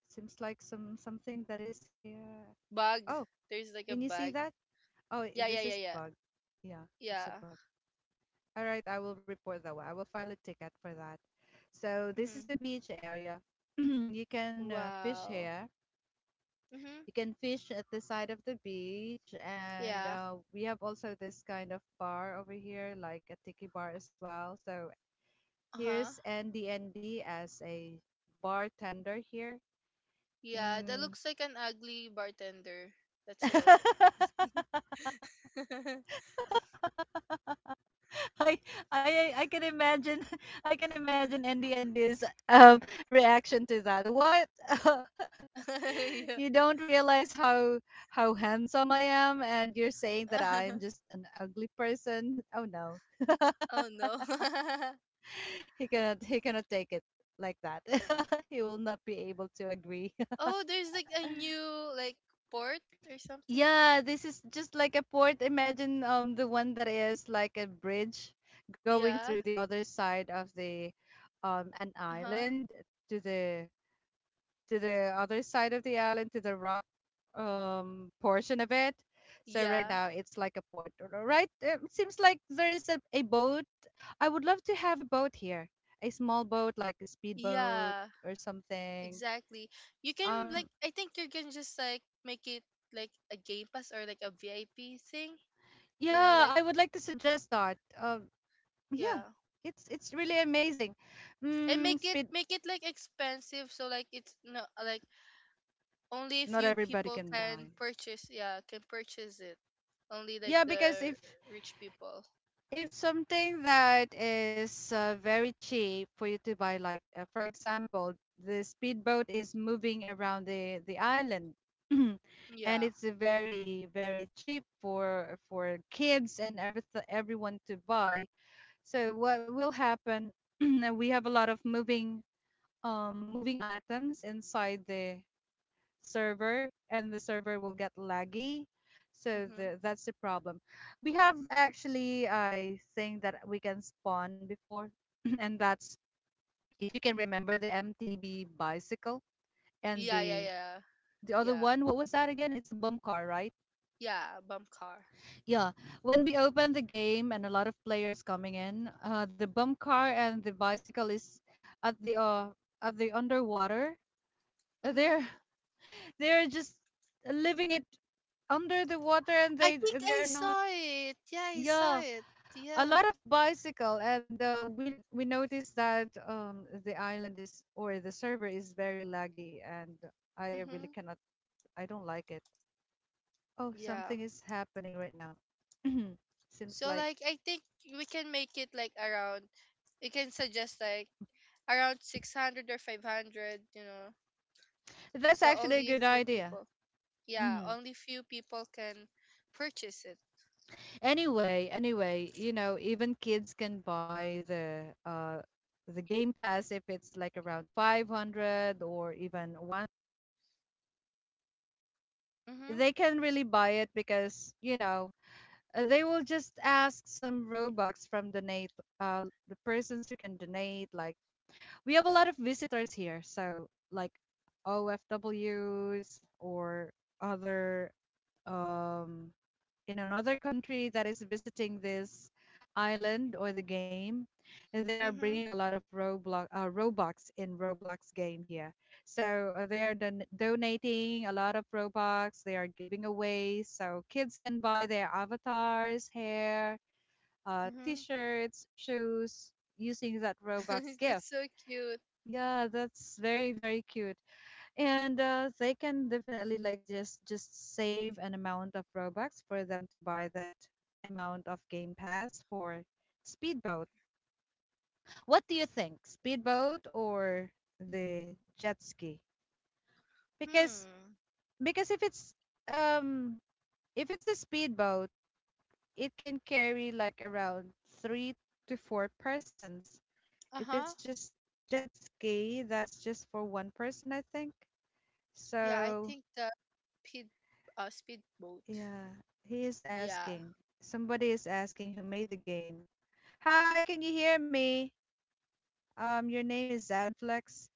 Speaker 1: Seems like some something that is here.
Speaker 2: Bug.
Speaker 1: Oh,
Speaker 2: There's like a
Speaker 1: can you see
Speaker 2: bug.
Speaker 1: that? Oh, i-
Speaker 2: Yeah, yeah,
Speaker 1: this
Speaker 2: yeah,
Speaker 1: is
Speaker 2: yeah.
Speaker 1: bug. Yeah, it's a
Speaker 2: Yeah.
Speaker 1: bug. All right, I will report that one. I will file a ticket for that. So this is
Speaker 2: Mhm.
Speaker 1: the beach area. You can uh, fish
Speaker 2: Wow.
Speaker 1: here.
Speaker 2: Mhm.
Speaker 1: You can fish at the side of the beach, and
Speaker 2: Yeah.
Speaker 1: uh, we have also this kind of bar over here, like a tiki bar as well. So here's
Speaker 2: Uh-huh.
Speaker 1: N D N D as a bartender here.
Speaker 2: Yeah, that
Speaker 1: Mm.
Speaker 2: looks like an ugly bartender. Let's go.
Speaker 1: I I I can imagine I can imagine Andy and his um reaction to that. What?
Speaker 2: Yeah.
Speaker 1: You don't realize how how handsome I am and you're saying that I'm just an ugly person. Oh no.
Speaker 2: Oh no.
Speaker 1: He cannot he cannot take it like that. He will not be able to agree.
Speaker 2: Oh, there's like a new like port or something.
Speaker 1: Yeah, this is just like a port. Imagine um the one that is like a bridge going
Speaker 2: Yeah.
Speaker 1: through the other side of the um an
Speaker 2: Uh huh.
Speaker 1: island to the to the other side of the island to the rock um portion of it. So right
Speaker 2: Yeah.
Speaker 1: now it's like a port, r- right? It seems like there is a, a boat. I would love to have a boat here, a small boat like a speedboat
Speaker 2: Yeah.
Speaker 1: or something.
Speaker 2: Exactly. You can like
Speaker 1: Um,
Speaker 2: I think you can just like make it like a game pass or like a V I P thing. You know,
Speaker 1: yeah,
Speaker 2: like
Speaker 1: I would like to suggest that. Um, yeah,
Speaker 2: yeah,
Speaker 1: it's it's really amazing.
Speaker 2: and
Speaker 1: Mm,
Speaker 2: make it
Speaker 1: speed.
Speaker 2: make it like expensive so like it's no like only a
Speaker 1: Not
Speaker 2: few
Speaker 1: everybody
Speaker 2: people
Speaker 1: can buy.
Speaker 2: can purchase. Yeah, can purchase it. Only like
Speaker 1: Yeah, because
Speaker 2: the
Speaker 1: if
Speaker 2: rich people.
Speaker 1: if something that is uh, very cheap for you to buy, like uh, for example, the speedboat is moving around the the island, and
Speaker 2: Yeah.
Speaker 1: it's a very very cheap for for kids and every everyone to buy. So what will happen? We have a lot of moving um moving items inside the server and the server will get laggy. So
Speaker 2: Mm-hmm.
Speaker 1: the, that's the problem. We have actually, I think that we can spawn before, and that's if you can remember the M T B bicycle and
Speaker 2: Yeah, yeah,
Speaker 1: the
Speaker 2: yeah.
Speaker 1: the other
Speaker 2: Yeah.
Speaker 1: one. What was that again? It's a bump car, right?
Speaker 2: Yeah, bump car.
Speaker 1: Yeah. When we open the game and a lot of players coming in, uh, the bump car and the bicycle is at the uh, at the underwater. Uh,
Speaker 2: Mm-hmm.
Speaker 1: They're they're just living it under the water and
Speaker 2: I
Speaker 1: they
Speaker 2: think I
Speaker 1: they're not
Speaker 2: saw it. Yeah, I saw
Speaker 1: yeah,
Speaker 2: it.
Speaker 1: a
Speaker 2: Yeah.
Speaker 1: lot of bicycle, and uh, we we noticed that um the island is, or the server is very laggy, and I really
Speaker 2: Mm-hmm.
Speaker 1: cannot. I don't like it. Oh,
Speaker 2: Yeah.
Speaker 1: something is happening right now. Seems
Speaker 2: So
Speaker 1: like
Speaker 2: like I think we can make it like around we can suggest like around six hundred or five hundred, you know.
Speaker 1: that's
Speaker 2: So
Speaker 1: actually a
Speaker 2: only
Speaker 1: good
Speaker 2: few
Speaker 1: idea.
Speaker 2: people. Yeah,
Speaker 1: Hmm.
Speaker 2: only few people can purchase it.
Speaker 1: Anyway anyway you know, even kids can buy the uh the game pass if it's like around five hundred or even,
Speaker 2: Mhm.
Speaker 1: they can really buy it because, you know, uh, they will just ask some robux from donate, uh the persons who can donate. Like, we have a lot of visitors here, so like OFWs or other, um in another country, that is visiting this island or the game, they are
Speaker 2: Mhm.
Speaker 1: bringing a lot of Roblox, uh, Robux in Roblox game here. So uh, they are don- donating a lot of Robux. They are giving away so kids can buy their avatars, hair, uh,
Speaker 2: Mhm.
Speaker 1: t-shirts, shoes using that Robux gift.
Speaker 2: That's so cute.
Speaker 1: Yeah, that's very very cute, and uh, they can definitely like just just save an amount of robux for them to buy that amount of game pass for speedboat. What do you think, speedboat or the jet ski? Because
Speaker 2: Hmm.
Speaker 1: because if it's um if it's a speedboat, it can carry like around three to four persons. If
Speaker 2: Uh-huh.
Speaker 1: it's just jet ski, that's just for one person, I think.
Speaker 2: Yeah, I
Speaker 1: So
Speaker 2: think speed uh speedboat.
Speaker 1: yeah, he is
Speaker 2: Yeah.
Speaker 1: asking. Somebody is asking who made the game. Hi, can you hear me? Um, your name is Zadflex.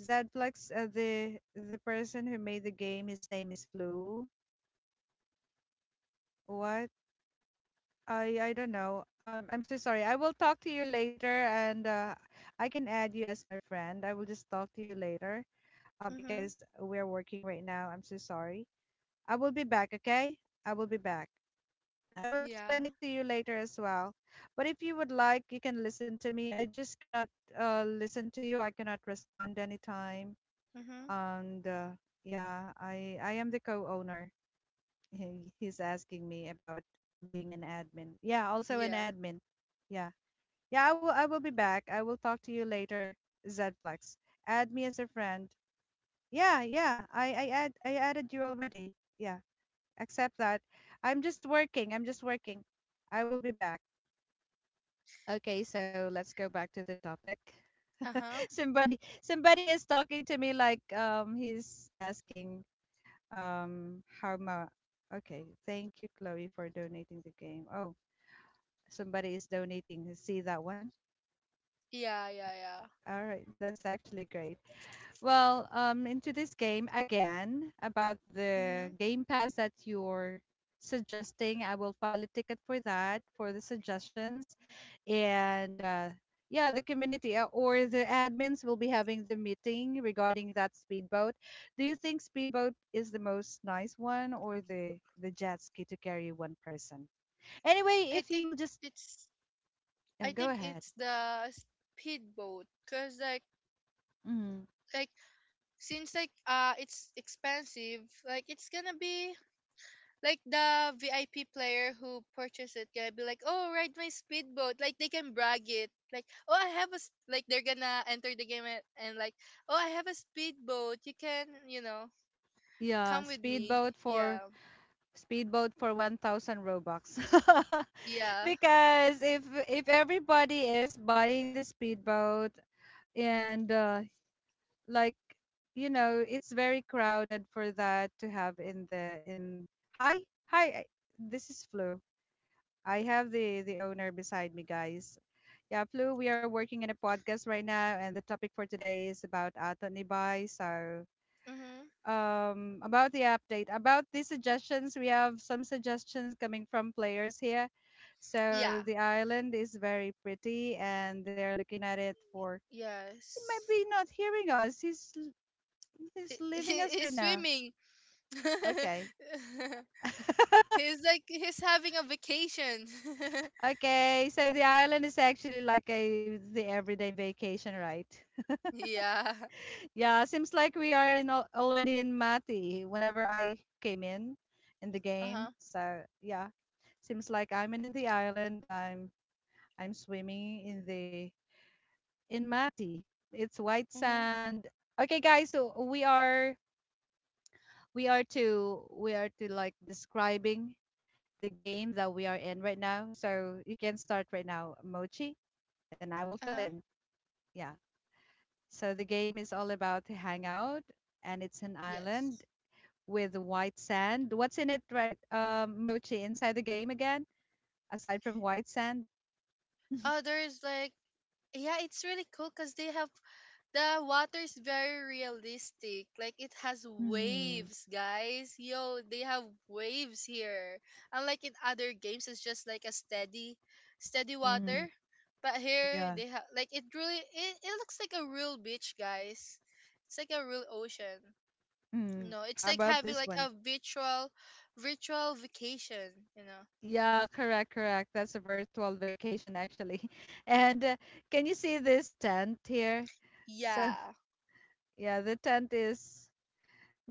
Speaker 1: Zadflex, uh, the the person who made the game, his name is Flu. What? I I don't know. Um, I'm so sorry. I will talk to you later, and uh, I can add you as my friend. I will just talk to you later. Uh,
Speaker 2: Mhm.
Speaker 1: because we are working right now. I'm so sorry. I will be back. Okay, I will be back. I will
Speaker 2: Yeah.
Speaker 1: explain it to you later as well. But if you would like, you can listen to me. I just cannot uh, listen to you. I cannot respond anytime.
Speaker 2: Mhm.
Speaker 1: And uh, yeah, I I am the co-owner. He, he's asking me about being an admin. Yeah, also an
Speaker 2: Yeah.
Speaker 1: admin. Yeah, yeah. I will I will be back. I will talk to you later. Zflex, add me as a friend. Yeah, yeah. I I add I added you already. Yeah, accept that. I'm just working. I'm just working. I will be back. Okay, so let's go back to the topic.
Speaker 2: Uh-huh.
Speaker 1: somebody somebody is talking to me like, um he's asking um how much. Okay, thank you Chloe for donating the game. Oh, somebody is donating. See that one?
Speaker 2: Yeah, yeah, yeah.
Speaker 1: All right, that's actually great. Well, um, into this game again about the
Speaker 2: Mhm.
Speaker 1: Game Pass that you're suggesting. I will file a ticket for that for the suggestions, and uh, yeah, the community, uh, or the admins will be having the meeting regarding that speedboat. Do you think speedboat is the most nice one, or the the jet ski to carry one person? Anyway,
Speaker 2: I
Speaker 1: if you
Speaker 2: think
Speaker 1: will just
Speaker 2: it's
Speaker 1: uh,
Speaker 2: I
Speaker 1: go
Speaker 2: think
Speaker 1: ahead.
Speaker 2: it's the speedboat cuz like
Speaker 1: Mhm.
Speaker 2: like since like uh it's expensive, like it's going to be like the V I P player who purchased it gonna be like, "Oh, ride my speedboat." Like they can brag it. Like, "Oh, I have a s- like they're gonna enter the game and, and like, Oh, I have a speedboat. You can, you know,
Speaker 1: Yeah,
Speaker 2: come with me.
Speaker 1: speedboat for
Speaker 2: Yeah.
Speaker 1: speedboat for one thousand robux.
Speaker 2: Yeah.
Speaker 1: Because if if everybody is buying the speedboat and uh, like, you know, it's very crowded for that to have in the in. Hi, hi, I- this is Flu. I have the the owner beside me, guys. Yeah, Flu, we are working in a podcast right now and the topic for today is about ato nibay. So
Speaker 2: Mm-hmm.
Speaker 1: um, about the update, about the suggestions. We have some suggestions coming from players here. So
Speaker 2: Yeah.
Speaker 1: the island is very pretty, and they're looking at it for. He might
Speaker 2: Yes.
Speaker 1: be not hearing us. He's l- he's
Speaker 2: He,
Speaker 1: leaving
Speaker 2: he,
Speaker 1: us
Speaker 2: he's
Speaker 1: right now.
Speaker 2: swimming.
Speaker 1: Okay,
Speaker 2: He's like he's having a vacation.
Speaker 1: okay. So the island is actually like a, the everyday vacation, right?
Speaker 2: Yeah.
Speaker 1: Yeah, seems like we are in al- already in Mati. Whenever I came in in the game,
Speaker 2: Uh-huh.
Speaker 1: so yeah, seems like I'm in the island. I'm I'm swimming in the in Mati. It's white
Speaker 2: Mhm.
Speaker 1: sand. Okay, guys, so we are we are to we are to like describing the game that we are in right now. So you can start right now, Mochi, and I will fill
Speaker 2: Uh-huh.
Speaker 1: in. Yeah. So the game is all about to hang out, and it's an island
Speaker 2: Yes.
Speaker 1: with white sand. What's in it, right, um, Mochi, inside the game again, aside from white sand?
Speaker 2: Uh there is like yeah, it's really cool cuz they have the water is very realistic. Like it has
Speaker 1: Mm-hmm.
Speaker 2: waves, guys. Yo, they have waves here. Unlike in other games, it's just like a steady, steady water.
Speaker 1: Mm-hmm.
Speaker 2: But here
Speaker 1: Yeah.
Speaker 2: they have like it really it, it looks like a real beach, guys. It's like a real ocean. You
Speaker 1: Mm.
Speaker 2: know, it's
Speaker 1: How
Speaker 2: like
Speaker 1: about
Speaker 2: having
Speaker 1: this
Speaker 2: like a
Speaker 1: one?
Speaker 2: virtual, virtual vacation, you know.
Speaker 1: Yeah, correct, correct. That's a virtual vacation actually. And uh, can you see this tent here? So
Speaker 2: Yeah.
Speaker 1: yeah, the tent is,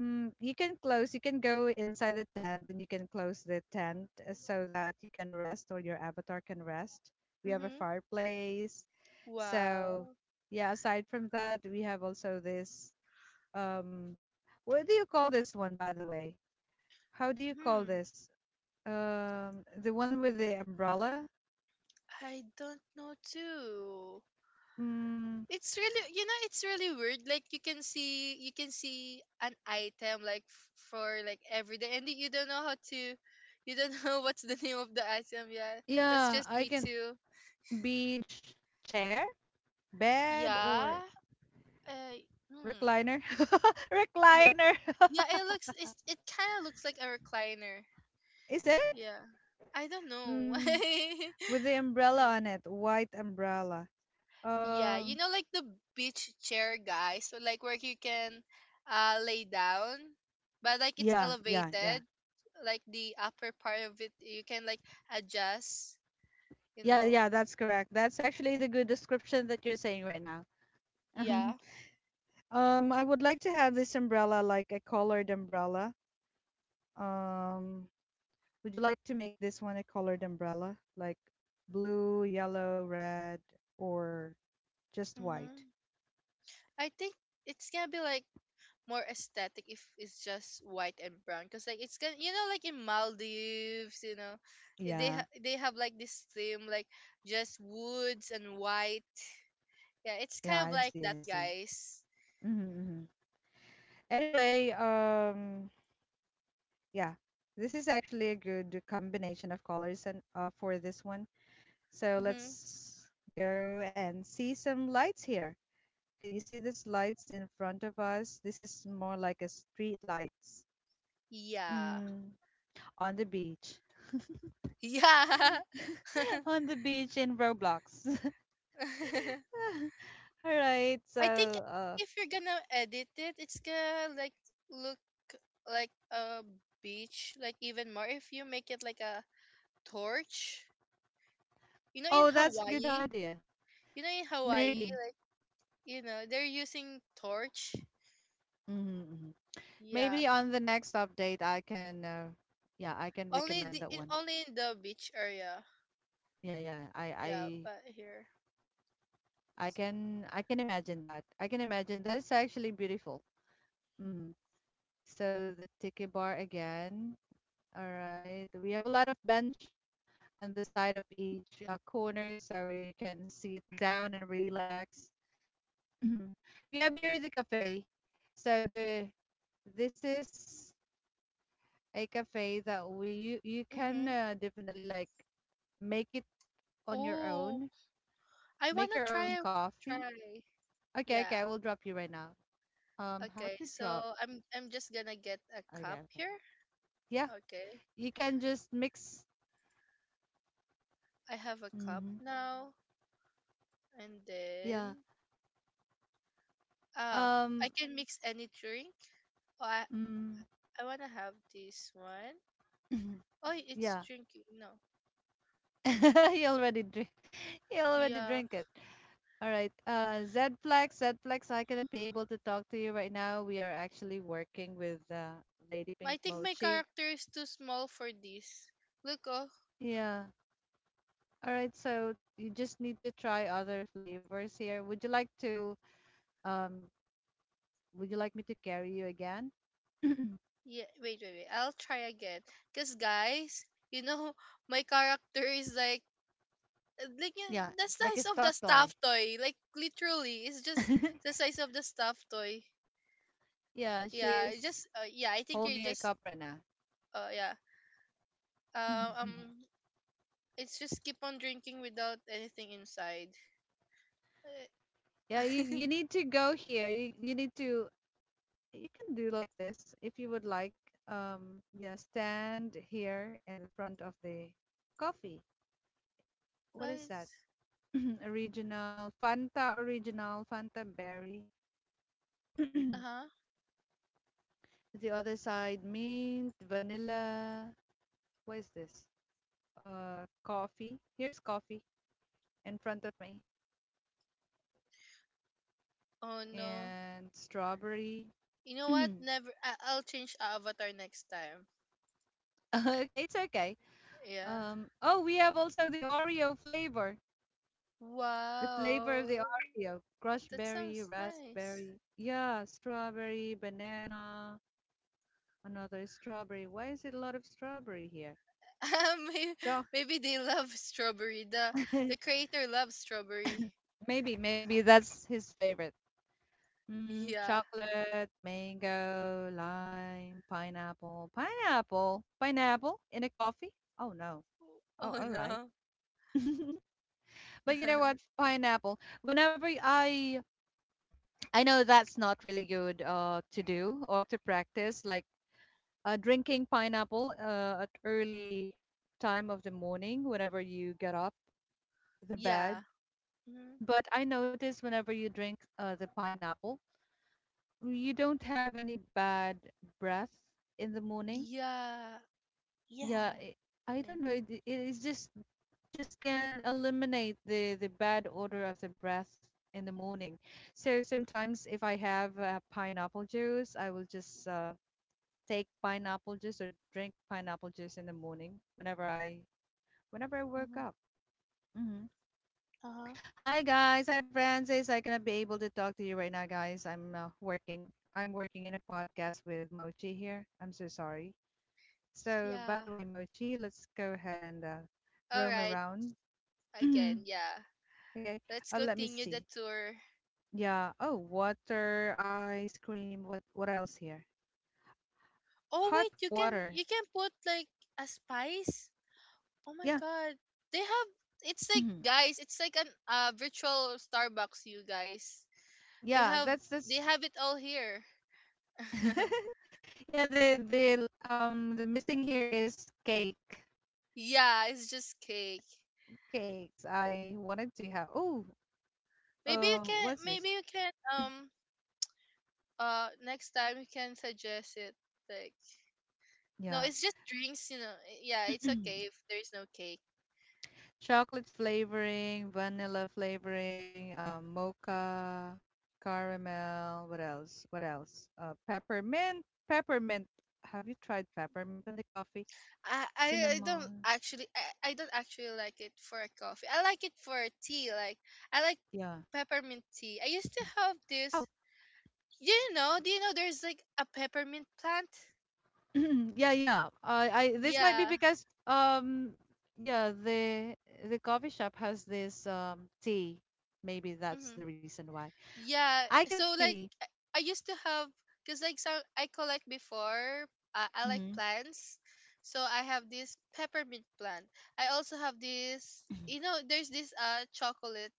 Speaker 1: mm, you can close, you can go inside the tent and you can close the tent, uh, so that you can rest or your avatar can rest. We have a
Speaker 2: Mhm.
Speaker 1: fireplace. So
Speaker 2: Wow.
Speaker 1: yeah, aside from that, we have also this um what do you call this one, by the way? How do you call
Speaker 2: Hmm.
Speaker 1: this? Um, the one with the umbrella?
Speaker 2: I don't know too.
Speaker 1: Mm,
Speaker 2: It's really you know it's really weird like you can see you can see an item like f- for like every day and you don't know how to you don't know what's the name of the item, yeah, that's
Speaker 1: yeah,
Speaker 2: just
Speaker 1: I
Speaker 2: me
Speaker 1: can.
Speaker 2: too.
Speaker 1: Beach chair, bed, or
Speaker 2: Yeah uh, hmm.
Speaker 1: recliner.
Speaker 2: M-
Speaker 1: Recliner.
Speaker 2: yeah it looks, it's, it kind of looks like a recliner.
Speaker 1: Is it?
Speaker 2: Yeah I don't know.
Speaker 1: Mm, with the umbrella
Speaker 2: Hmm.
Speaker 1: on it, white umbrella.
Speaker 2: Yeah, you
Speaker 1: Um,
Speaker 2: know, like the beach chair, guys. So like where you can uh lay down, but like it's
Speaker 1: yeah, yeah, yeah.
Speaker 2: elevated. Like the upper part of it, you can like adjust, you
Speaker 1: Yeah,
Speaker 2: know.
Speaker 1: yeah, that's correct. That's actually the good description that you're saying right now.
Speaker 2: Yeah.
Speaker 1: Um, I would like to have this umbrella like a colored umbrella. Um, would you like to make this one a colored umbrella? Like blue, yellow, red, or just white.
Speaker 2: Mm-hmm. I think it's gonna be like more aesthetic if it's just white and brown, cause like it's gonna, you know, like in Maldives, you know, eh, they
Speaker 1: Yeah.
Speaker 2: ha- they have like this theme like just woods and white. Yeah, it's
Speaker 1: Yeah,
Speaker 2: kind of
Speaker 1: I
Speaker 2: like
Speaker 1: see. I
Speaker 2: that,
Speaker 1: see.
Speaker 2: guys.
Speaker 1: Mm-hmm, hmm. Anyway, um, yeah, this is actually a good combination of colors and uh, for this one. So
Speaker 2: Mm-hmm.
Speaker 1: let's go and see some lights here. Can you see these lights in front of us? This is more like a street lights.
Speaker 2: Yeah.
Speaker 1: Mm, on the beach.
Speaker 2: Yeah.
Speaker 1: On the beach in Roblox.
Speaker 2: I
Speaker 1: All right. So,
Speaker 2: think
Speaker 1: uh,
Speaker 2: if you're gonna edit it, it's gonna like look like a beach, like even more if you make it like a torch. You know in
Speaker 1: oh, that's a good
Speaker 2: Hawaii,
Speaker 1: idea.
Speaker 2: you know in Hawaii,
Speaker 1: Maybe.
Speaker 2: like, you know they're using torch.
Speaker 1: Mhm.
Speaker 2: Yeah.
Speaker 1: Maybe on the next update, I can, uh, yeah, I can
Speaker 2: Only
Speaker 1: recommend
Speaker 2: the,
Speaker 1: that
Speaker 2: in
Speaker 1: one.
Speaker 2: only in the beach area.
Speaker 1: Yeah, yeah,
Speaker 2: Yeah,
Speaker 1: I,
Speaker 2: but here.
Speaker 1: I, I
Speaker 2: It's,
Speaker 1: can, I can imagine that. I can imagine that is actually beautiful. Hmm. So the tiki bar again. All right, we have a lot of bench on the side of each, uh, corner, so you can sit down and relax. Mhm. We have here the cafe. So the this is a cafe that we, you, you can
Speaker 2: mm-hmm.
Speaker 1: uh, definitely like make it on your
Speaker 2: Ooh,
Speaker 1: own.
Speaker 2: I
Speaker 1: Make
Speaker 2: wanna
Speaker 1: your own
Speaker 2: try.
Speaker 1: coffee.
Speaker 2: Try.
Speaker 1: Okay, okay,
Speaker 2: Yeah.
Speaker 1: I will drop you right now. Um, how
Speaker 2: Okay,
Speaker 1: to
Speaker 2: so
Speaker 1: drop?
Speaker 2: I'm I'm just gonna get a
Speaker 1: Okay,
Speaker 2: cup
Speaker 1: okay.
Speaker 2: here.
Speaker 1: Yeah,
Speaker 2: Okay.
Speaker 1: you can just mix.
Speaker 2: I have a cup
Speaker 1: Hmm.
Speaker 2: now and
Speaker 1: Yeah.
Speaker 2: then ah
Speaker 1: Um.
Speaker 2: I can mix any drink. Oh, I
Speaker 1: Mm,
Speaker 2: I wanna have this one. Oh, it's
Speaker 1: yeah.
Speaker 2: drinking. No.
Speaker 1: He already drink. He already
Speaker 2: Yeah.
Speaker 1: drink it. All right. Uh, Zflex, Zflex, I cannot be able to talk to you right now. We are actually working with uh, Lady
Speaker 2: I
Speaker 1: Pink
Speaker 2: think my
Speaker 1: Mochi.
Speaker 2: character is too small for this. Look, oh.
Speaker 1: Yeah. All right. So you just need to try other flavors here. Would you like to, um would you like me to carry you again?
Speaker 2: Yeah, wait, wait, wait. I'll try again. Cause guys, you know, my character is like like yeah,
Speaker 1: Yeah,
Speaker 2: the
Speaker 1: like a
Speaker 2: size of the
Speaker 1: stuffed toy.
Speaker 2: stuffed toy, like literally it's just the size of the stuffed toy.
Speaker 1: Yeah,
Speaker 2: Yeah, it
Speaker 1: she's
Speaker 2: just uh, yeah, I think you
Speaker 1: holding a
Speaker 2: just
Speaker 1: cup right now.
Speaker 2: uh yeah uh, um it's just keep on drinking without anything inside. Uh,
Speaker 1: Yeah, you, you need to go here. You you need to, you can do like this if you would like. Um, yeah, stand here in the front of the coffee. What
Speaker 2: I
Speaker 1: is that?
Speaker 2: s-
Speaker 1: Original Fanta, original Fanta berry.
Speaker 2: uh-huh
Speaker 1: The other side, mint, vanilla. What is this? Uh, coffee. Here's coffee in front of me.
Speaker 2: oh no,
Speaker 1: And strawberry.
Speaker 2: you know what, never. I- I'll change avatar next time.
Speaker 1: Okay, it's okay.
Speaker 2: Yeah.
Speaker 1: Um, oh, we have also the Oreo flavor. The flavor
Speaker 2: Wow,
Speaker 1: of the Oreo. Crush
Speaker 2: that
Speaker 1: berry,
Speaker 2: sounds nice.
Speaker 1: raspberry. Yeah, strawberry, banana, another strawberry. Why is it a lot of strawberry here?
Speaker 2: Um maybe,
Speaker 1: Cho-
Speaker 2: maybe they love strawberry, the the creator loves strawberry.
Speaker 1: Maybe, maybe that's his favorite. Mm,
Speaker 2: Yeah.
Speaker 1: chocolate, mango, lime, pineapple. Pineapple? Pineapple in a coffee? Oh, no.
Speaker 2: Oh
Speaker 1: Oh, all right.
Speaker 2: no.
Speaker 1: But you know what? Pineapple. Whenever I I know that's not really good uh to do or to practice, like uh, drinking pineapple uh, at early time of the morning whenever you get up the bed.
Speaker 2: Yeah. Hmm.
Speaker 1: But I notice whenever you drink uh, the pineapple, you don't have any bad breath in the morning.
Speaker 2: Yeah.
Speaker 1: Yeah,
Speaker 2: Yeah.
Speaker 1: it, I don't know. It, it- it's just just can eliminate the the bad odor of the breath in the morning. So sometimes if I have uh, pineapple juice, I will just uh, take pineapple juice or drink pineapple juice in the morning whenever I whenever I wake
Speaker 2: Mm-hmm.
Speaker 1: up. Hmm.
Speaker 2: Uh-huh.
Speaker 1: Hi guys, hi Francis. I cannot be able to talk to you right now, guys. I'm uh, working. I'm working in a podcast with Mochi here. I'm so sorry. So, by
Speaker 2: Yeah.
Speaker 1: the way, Mochi, let's go ahead and uh,
Speaker 2: All
Speaker 1: roam
Speaker 2: right.
Speaker 1: around.
Speaker 2: Again, yeah.
Speaker 1: Okay,
Speaker 2: Let's
Speaker 1: uh, let me
Speaker 2: continue
Speaker 1: see.
Speaker 2: the tour.
Speaker 1: Yeah. Oh, water, ice cream. What what else here?
Speaker 2: Oh wait,
Speaker 1: Hot
Speaker 2: you can
Speaker 1: water.
Speaker 2: you can put like a spice. Oh my
Speaker 1: Yeah.
Speaker 2: god. They have It's like, guys, it's like an uh virtual Starbucks, you guys. They
Speaker 1: Yeah,
Speaker 2: have
Speaker 1: that's
Speaker 2: they
Speaker 1: that's
Speaker 2: have it all here.
Speaker 1: yeah, the the um the missing here is cake.
Speaker 2: Yeah, it's just cake.
Speaker 1: Cakes. I wanted to have. Oh,
Speaker 2: Maybe you
Speaker 1: um
Speaker 2: can
Speaker 1: what's this?
Speaker 2: maybe you can um uh, next time you can suggest it. Like, no,
Speaker 1: Yeah.
Speaker 2: it's just drinks, you know. eh, Yeah, it's okay if there is no cake.
Speaker 1: Chocolate flavoring, vanilla flavoring, um, mocha, caramel. What else? What else? Uh, peppermint. Peppermint. Have you tried peppermint on the coffee?
Speaker 2: I, I, I don't
Speaker 1: Cinema.
Speaker 2: actually I, I don't actually like it for a coffee. I like it for a tea. Like I like
Speaker 1: Yeah.
Speaker 2: peppermint tea. I used to have
Speaker 1: Oh,
Speaker 2: this. Do you know? Do you know there's like a peppermint plant?
Speaker 1: yeah, yeah. Uh, I this might be
Speaker 2: Yeah.
Speaker 1: because um yeah, the the coffee shop has this um tea. Maybe that's
Speaker 2: Hmm.
Speaker 1: the reason why.
Speaker 2: Yeah,
Speaker 1: I can
Speaker 2: so like
Speaker 1: see.
Speaker 2: I I used to have, because like some I collect before. Uh, I like
Speaker 1: Hmm.
Speaker 2: plants, so I have this peppermint plant. I also have this. You know, there's this uh chocolate.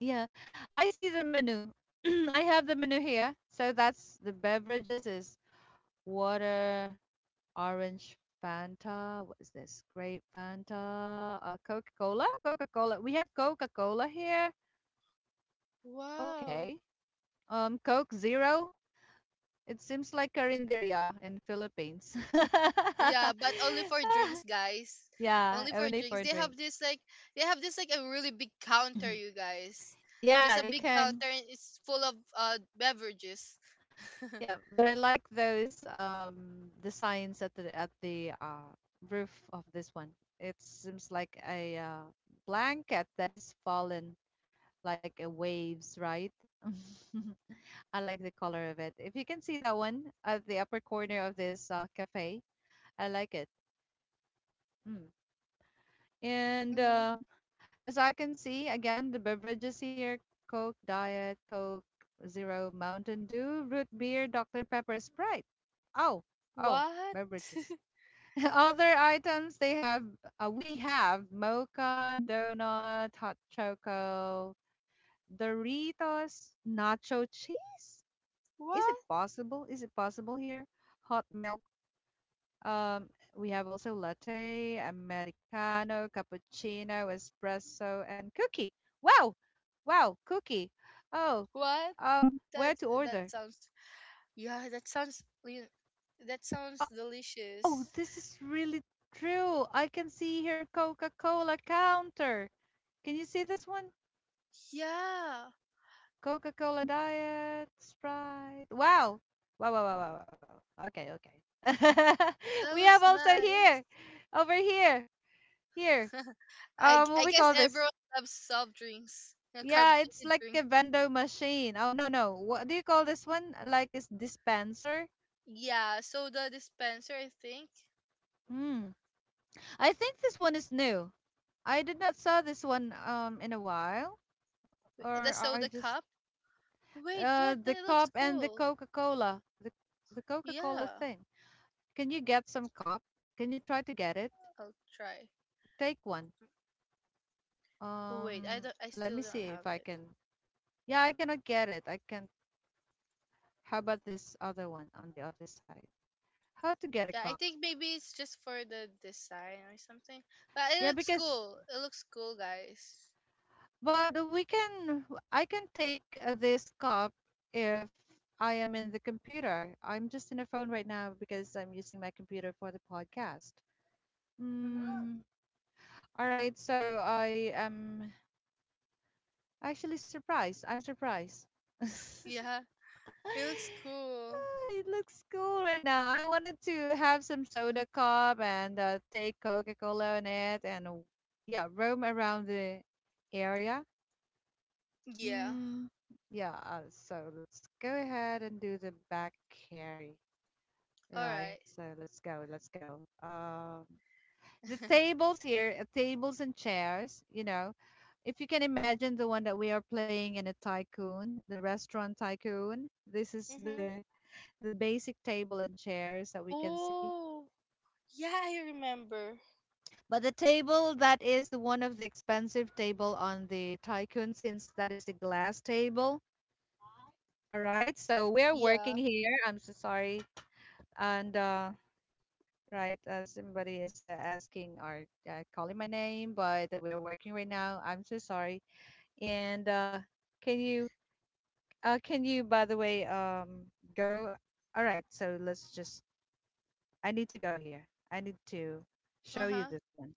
Speaker 1: Yeah. I see the menu. I have the menu here. So that's the beverages is water, orange Fanta, what is this? Grape Fanta, uh, Coca-Cola, Coca-Cola. We have Coca-Cola here.
Speaker 2: Wow.
Speaker 1: Okay. Um, Coke Zero. It seems like Carinderia in Philippines.
Speaker 2: Yeah, but only for drinks, guys.
Speaker 1: Yeah,
Speaker 2: Only for
Speaker 1: only
Speaker 2: drinks.
Speaker 1: for
Speaker 2: They have
Speaker 1: drinks.
Speaker 2: this like they have this like a really big counter,
Speaker 1: Mhm.
Speaker 2: you guys. Just
Speaker 1: Yeah,
Speaker 2: a
Speaker 1: you
Speaker 2: big
Speaker 1: can.
Speaker 2: counter and it's full of uh beverages.
Speaker 1: Yeah, but I like those um the signs at the at the uh roof of this one. It seems like a uh, blanket that is fallen like a waves, right? I like the color of it. If you can see that one at the upper corner of this uh, cafe, I like it. Hmm. And
Speaker 2: Hmm.
Speaker 1: uh, as I can see, again, the beverages here Coke, Diet, Coke, Zero, Mountain Dew, Root Beer, Doctor Pepper, Sprite. Oh, oh,
Speaker 2: What?
Speaker 1: beverages. Other items they have, uh, we have mocha, donut, hot choco, Doritos, nacho cheese. Is it
Speaker 2: What?
Speaker 1: possible? Is it possible here? Hot milk, um, we have also latte, americano, cappuccino, espresso, and cookie. Wow, wow, cookie. Oh,
Speaker 2: What?
Speaker 1: um, where
Speaker 2: That
Speaker 1: to
Speaker 2: that
Speaker 1: order?
Speaker 2: sounds, yeah, that sounds you- that
Speaker 1: Uh,
Speaker 2: sounds
Speaker 1: oh,
Speaker 2: delicious.
Speaker 1: this is really true. I can see here Coca-Cola counter. Can you see this one?
Speaker 2: Yeah,
Speaker 1: Coca-Cola diet, Sprite. Wow, wow, wow, wow, wow, wow, wow, wow. Okay, okay.
Speaker 2: that
Speaker 1: We have
Speaker 2: looks
Speaker 1: also
Speaker 2: nice.
Speaker 1: here, over here, here.
Speaker 2: I
Speaker 1: Um, what
Speaker 2: I
Speaker 1: we
Speaker 2: guess
Speaker 1: call this?
Speaker 2: everyone loves soft drinks, uh,
Speaker 1: Yeah, it's
Speaker 2: carbonated
Speaker 1: like a
Speaker 2: drinks.
Speaker 1: vendor machine. Oh, no, no. What do you call this one? Like a dispenser?
Speaker 2: Yeah, soda dispenser, I think.
Speaker 1: Hmm. I think this one is new. I did not saw this one um in a while.
Speaker 2: The
Speaker 1: Or I
Speaker 2: soda
Speaker 1: just
Speaker 2: cup. Wait,
Speaker 1: uh
Speaker 2: what?
Speaker 1: the
Speaker 2: That looks
Speaker 1: cup and the
Speaker 2: cool.
Speaker 1: Coca-Cola. The the Coca-Cola
Speaker 2: Yeah,
Speaker 1: thing. Can you get some cup? Can you try to get it?
Speaker 2: I'll try.
Speaker 1: Take one.
Speaker 2: Oh, wait, I
Speaker 1: Um,
Speaker 2: don't. I
Speaker 1: let
Speaker 2: still
Speaker 1: me
Speaker 2: don't
Speaker 1: see
Speaker 2: have
Speaker 1: if I
Speaker 2: it.
Speaker 1: can. Yeah, I cannot get it. I can. How about this other one on the other side? How to get a
Speaker 2: Yeah, I
Speaker 1: cup?
Speaker 2: think maybe it's just for the design or something. But it
Speaker 1: Yeah,
Speaker 2: looks
Speaker 1: because
Speaker 2: cool. It looks cool, guys.
Speaker 1: but we can, I can take uh, this cup if I am in the computer. I'm just in a phone right now because I'm using my computer for the podcast.
Speaker 2: Mm-hmm.
Speaker 1: Mm, all right, so I am actually surprised. I'm surprised.
Speaker 2: Yeah, it looks cool.
Speaker 1: Ah, it looks cool right now. I wanted to have some soda cup and uh, take Coca Cola in it and uh, yeah, roam around the area.
Speaker 2: Yeah.
Speaker 1: Mm, yeah, uh, so let's go ahead and do the back carry.
Speaker 2: All
Speaker 1: Right,
Speaker 2: right.
Speaker 1: so let's go, let's go. Um, the tables here, uh, tables and chairs, you know, if you can imagine the one that we are playing in a tycoon, the restaurant tycoon, this is
Speaker 2: Mhm.
Speaker 1: the the basic table and chairs that we can see.
Speaker 2: Oh, yeah, I remember.
Speaker 1: But the table that is one of the expensive table on the tycoon since that is a glass table. All right, so we're working
Speaker 2: Yeah.
Speaker 1: here. I'm so sorry. And uh, right, uh, somebody is uh, asking or uh, calling my name, but we're working right now. I'm so sorry. And uh, can you, uh, can you, by the way, um, go? All right, so let's just. I need to go here. I need to
Speaker 2: Uh
Speaker 1: show you
Speaker 2: huh.
Speaker 1: this one.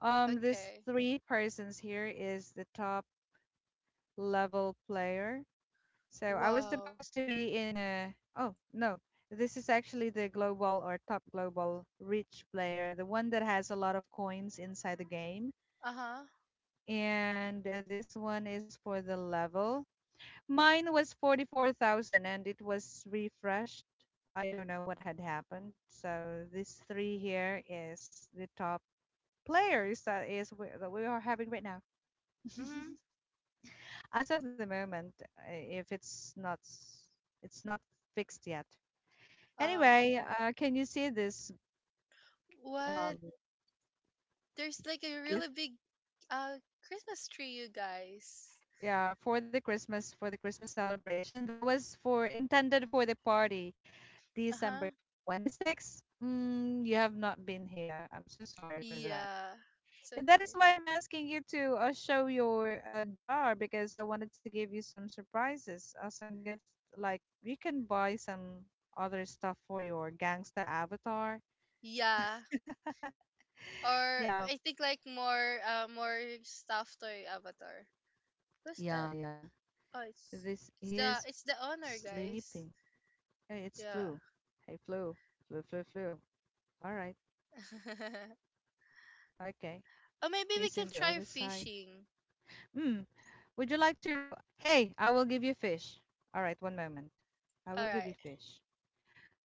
Speaker 1: Um, this
Speaker 2: Okay.
Speaker 1: three persons here is the top level player. So I was
Speaker 2: Wow.
Speaker 1: supposed to be in a, oh no, this is actually the global or top global rich player, the one that has a lot of coins inside the game.
Speaker 2: Uh huh.
Speaker 1: And uh, this one is for the level. Mine was forty-four thousand and it was refreshed. I don't know what had happened. So this three here is the top players that is wh- that we are having right now.
Speaker 2: Mhm.
Speaker 1: As of the moment, uh, if it's not s- it's not fixed yet.
Speaker 2: Uh,
Speaker 1: Anyway, uh, can you see this
Speaker 2: what?
Speaker 1: um,
Speaker 2: There's like a really
Speaker 1: gift?
Speaker 2: big uh Christmas tree, you guys.
Speaker 1: Yeah, for the Christmas for the Christmas celebration that was for intended for the party,
Speaker 2: Uh huh.
Speaker 1: December twenty-sixth. Mm, you have not been here. I'm so sorry for that.
Speaker 2: Yeah. It's
Speaker 1: Yeah, that
Speaker 2: okay.
Speaker 1: is why I'm asking you to uh, show your uh, jar because I wanted to give you some surprises, uh, some gifts. Like you can buy some other stuff for your gangsta avatar.
Speaker 2: Yeah. Or
Speaker 1: Yeah,
Speaker 2: I think like more uh more stuffed toy avatar. Who's
Speaker 1: yeah,
Speaker 2: that?
Speaker 1: yeah.
Speaker 2: Oh, it's
Speaker 1: This
Speaker 2: it's
Speaker 1: he
Speaker 2: the
Speaker 1: is
Speaker 2: it's the owner, guys.
Speaker 1: sleeping. Hey, it's
Speaker 2: Yeah.
Speaker 1: Flu. Hey, Flu. Flu, Flu, Flu. All right. Okay.
Speaker 2: Or maybe we
Speaker 1: He's in
Speaker 2: can
Speaker 1: the
Speaker 2: try
Speaker 1: other side.
Speaker 2: fishing.
Speaker 1: Hmm. Would you like to? Hey, I will give you fish. All right. One moment. I
Speaker 2: All
Speaker 1: will give you
Speaker 2: right.
Speaker 1: fish.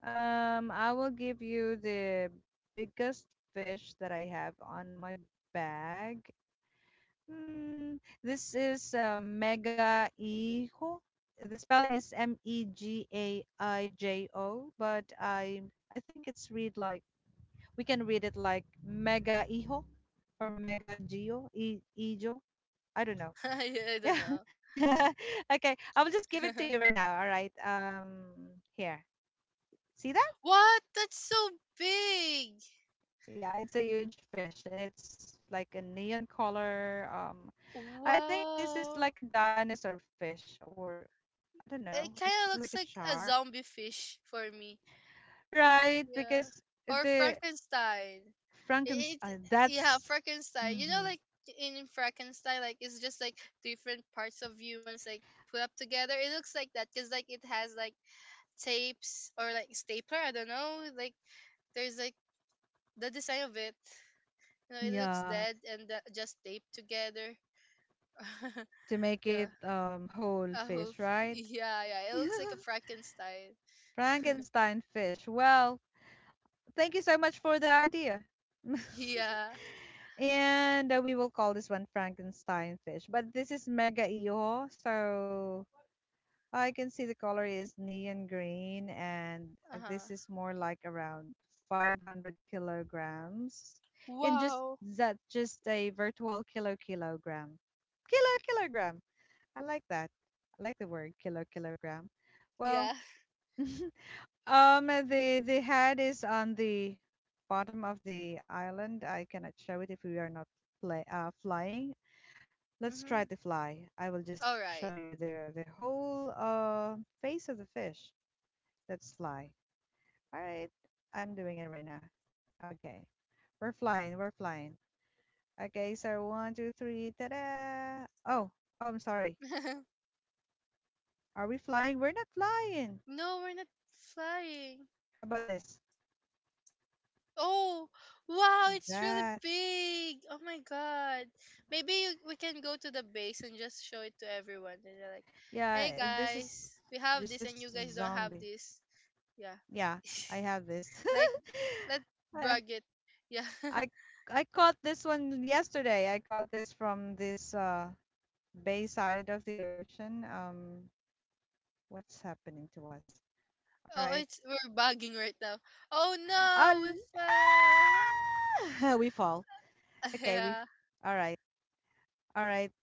Speaker 1: Um, I will give you the biggest fish that I have on my bag. Hmm. This is uh, mega hijo. The spelling is M E G A I J O, but I I think it's read like we can read it like Mega Hijo or Mega Gio, I- Ijo. I don't know.
Speaker 2: I don't
Speaker 1: Yeah.
Speaker 2: know.
Speaker 1: Okay, I will just give it to you right now. All right. Um, here. See that?
Speaker 2: What? That's so big.
Speaker 1: Yeah, it's a huge fish. It's like a neon color. Um, I think this is
Speaker 2: Wow.
Speaker 1: like a dinosaur fish, or I don't
Speaker 2: It
Speaker 1: know. It's
Speaker 2: kind of
Speaker 1: just like
Speaker 2: looks
Speaker 1: a
Speaker 2: like a
Speaker 1: shark,
Speaker 2: zombie fish for me.
Speaker 1: right?
Speaker 2: Yeah.
Speaker 1: Because
Speaker 2: Or
Speaker 1: the
Speaker 2: Frankenstein. It
Speaker 1: Frankenstein. uh,
Speaker 2: Yeah,
Speaker 1: That's.
Speaker 2: Frankenstein. You know,
Speaker 1: Hmm.
Speaker 2: like in Frankenstein, like it's just like different parts of humans like put up together. It looks like that, cuz like it has like tapes or like stapler, I don't know. Like there's like the design of it, you know, it looks
Speaker 1: Yeah,
Speaker 2: dead and uh, just taped together.
Speaker 1: to make it
Speaker 2: Yeah,
Speaker 1: um, whole
Speaker 2: I
Speaker 1: fish,
Speaker 2: hope.
Speaker 1: right?
Speaker 2: Yeah, yeah, it looks like a Frankenstein.
Speaker 1: Frankenstein fish. Well, thank you so much for the idea.
Speaker 2: Yeah.
Speaker 1: And uh, we will call this one Frankenstein fish. But this is mega iho, so I can see the color is neon green, and
Speaker 2: Uh
Speaker 1: this
Speaker 2: huh.
Speaker 1: is more like around five hundred kilograms. In just
Speaker 2: Wow.
Speaker 1: that just a virtual kilo kilogram, kilo kilogram. I like that. I like the word kilo kilogram. Well,
Speaker 2: Yeah.
Speaker 1: um, the the head is on the bottom of the island. I cannot show it if we are not fly, uh, flying. Let's try to
Speaker 2: Mm-hmm.
Speaker 1: fly. I will just
Speaker 2: All right.
Speaker 1: show you the the whole uh, face of the fish. Let's fly. All right, I'm doing it right now. Okay, we're flying. We're flying. Okay, so one, two, three. Ta-da! Oh, oh, I'm sorry. Are we flying? We're not flying.
Speaker 2: No, we're not flying.
Speaker 1: How about this?
Speaker 2: Oh, wow, it's really
Speaker 1: That,
Speaker 2: big. Oh my god. Maybe you, we can go to the base and just show it to everyone. And they're like, hey
Speaker 1: yeah, this is
Speaker 2: guys, we have
Speaker 1: just a
Speaker 2: this and you
Speaker 1: s-
Speaker 2: guys don't have
Speaker 1: zombie.
Speaker 2: this. Yeah.
Speaker 1: Yeah, I have this.
Speaker 2: Like let's
Speaker 1: I,
Speaker 2: brag it. Yeah.
Speaker 1: I I caught this one yesterday. I caught this from this uh bay side of the ocean. Um, what's happening to us? All
Speaker 2: Oh,
Speaker 1: right.
Speaker 2: it's we're bugging right now. Oh
Speaker 1: Uh,
Speaker 2: no, we fell.
Speaker 1: we fall. Okay, we.
Speaker 2: Yeah.
Speaker 1: All right, all right.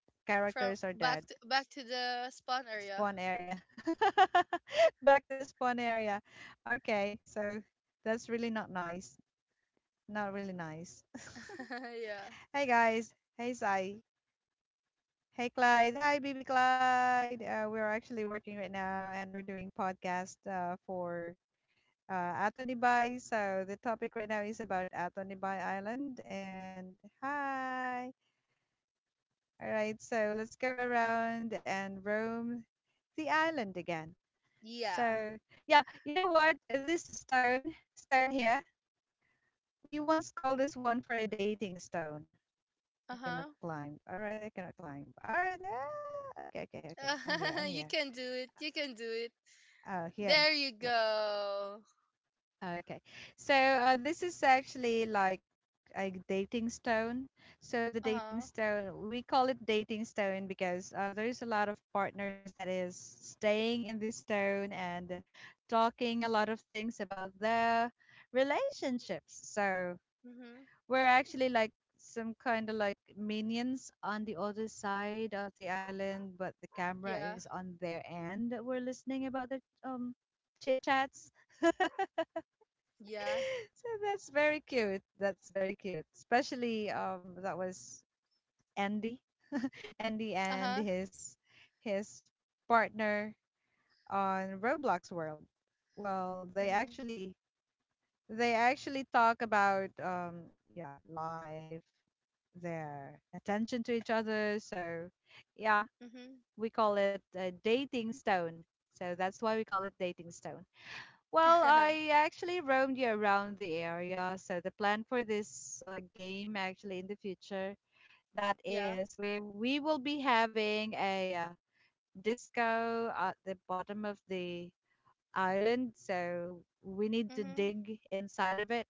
Speaker 2: From
Speaker 1: Characters are
Speaker 2: back
Speaker 1: dead.
Speaker 2: to back to the spawn area.
Speaker 1: Spawn area. Back to the spawn area. Okay, so that's really not nice. Not really nice.
Speaker 2: Yeah.
Speaker 1: Hey guys. Hey Sai. Hey Clyde. Hi B B Clyde. Uh, we're actually working right now and we're doing podcast uh, for uh, Atonibai. So the topic right now is about Atonibai Island. And hi. All right. So let's go around and roam the island again.
Speaker 2: Yeah.
Speaker 1: So, yeah, you know what? Uh, This stone, stone here, we once called this one for a dating stone. I
Speaker 2: Uh
Speaker 1: cannot
Speaker 2: huh.
Speaker 1: climb. All right, I cannot climb. All right. Ah, okay, okay, okay. I'm here. I'm here.
Speaker 2: You can do it. You can do it.
Speaker 1: Oh, here.
Speaker 2: There you go.
Speaker 1: Okay. So uh, this is actually like a dating stone. So the
Speaker 2: Uh
Speaker 1: dating
Speaker 2: huh.
Speaker 1: stone, we call it dating stone because uh, there's a lot of partners that is staying in this stone and talking a lot of things about their relationships. So
Speaker 2: Mhm.
Speaker 1: we're actually like some kind of like minions on the other side of the island, but the camera
Speaker 2: Yeah.
Speaker 1: is on their end. We're listening about their um chit chats.
Speaker 2: Yeah.
Speaker 1: So that's very cute. That's very cute. Especially um that was Andy. Andy
Speaker 2: Uh
Speaker 1: and
Speaker 2: huh.
Speaker 1: his his partner on Roblox World. Well, they
Speaker 2: Mhm.
Speaker 1: actually they actually talk about um yeah, life, their attention to each other. So yeah,
Speaker 2: Mhm.
Speaker 1: we call it a dating stone. So that's why we call it dating stone. Well, I actually roamed you around the area. So the plan for this uh, game, actually, in the future, that
Speaker 2: Yeah.
Speaker 1: is we we will be having a uh, disco at the bottom of the island. So we need to
Speaker 2: Mhm.
Speaker 1: dig inside of it,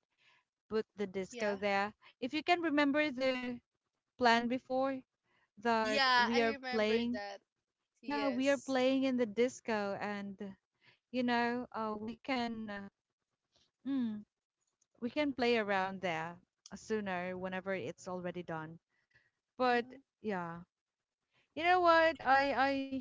Speaker 1: put the
Speaker 2: Yeah.
Speaker 1: disco there. If you can remember the plan before that
Speaker 2: Yeah.
Speaker 1: we
Speaker 2: I
Speaker 1: are
Speaker 2: remember
Speaker 1: playing,
Speaker 2: that.
Speaker 1: yeah, we are
Speaker 2: Yes.
Speaker 1: playing in the disco, and you know, uh, we can. Uh, hmm, we can play around there sooner whenever it's already done. But
Speaker 2: Mhm.
Speaker 1: yeah, you know what? I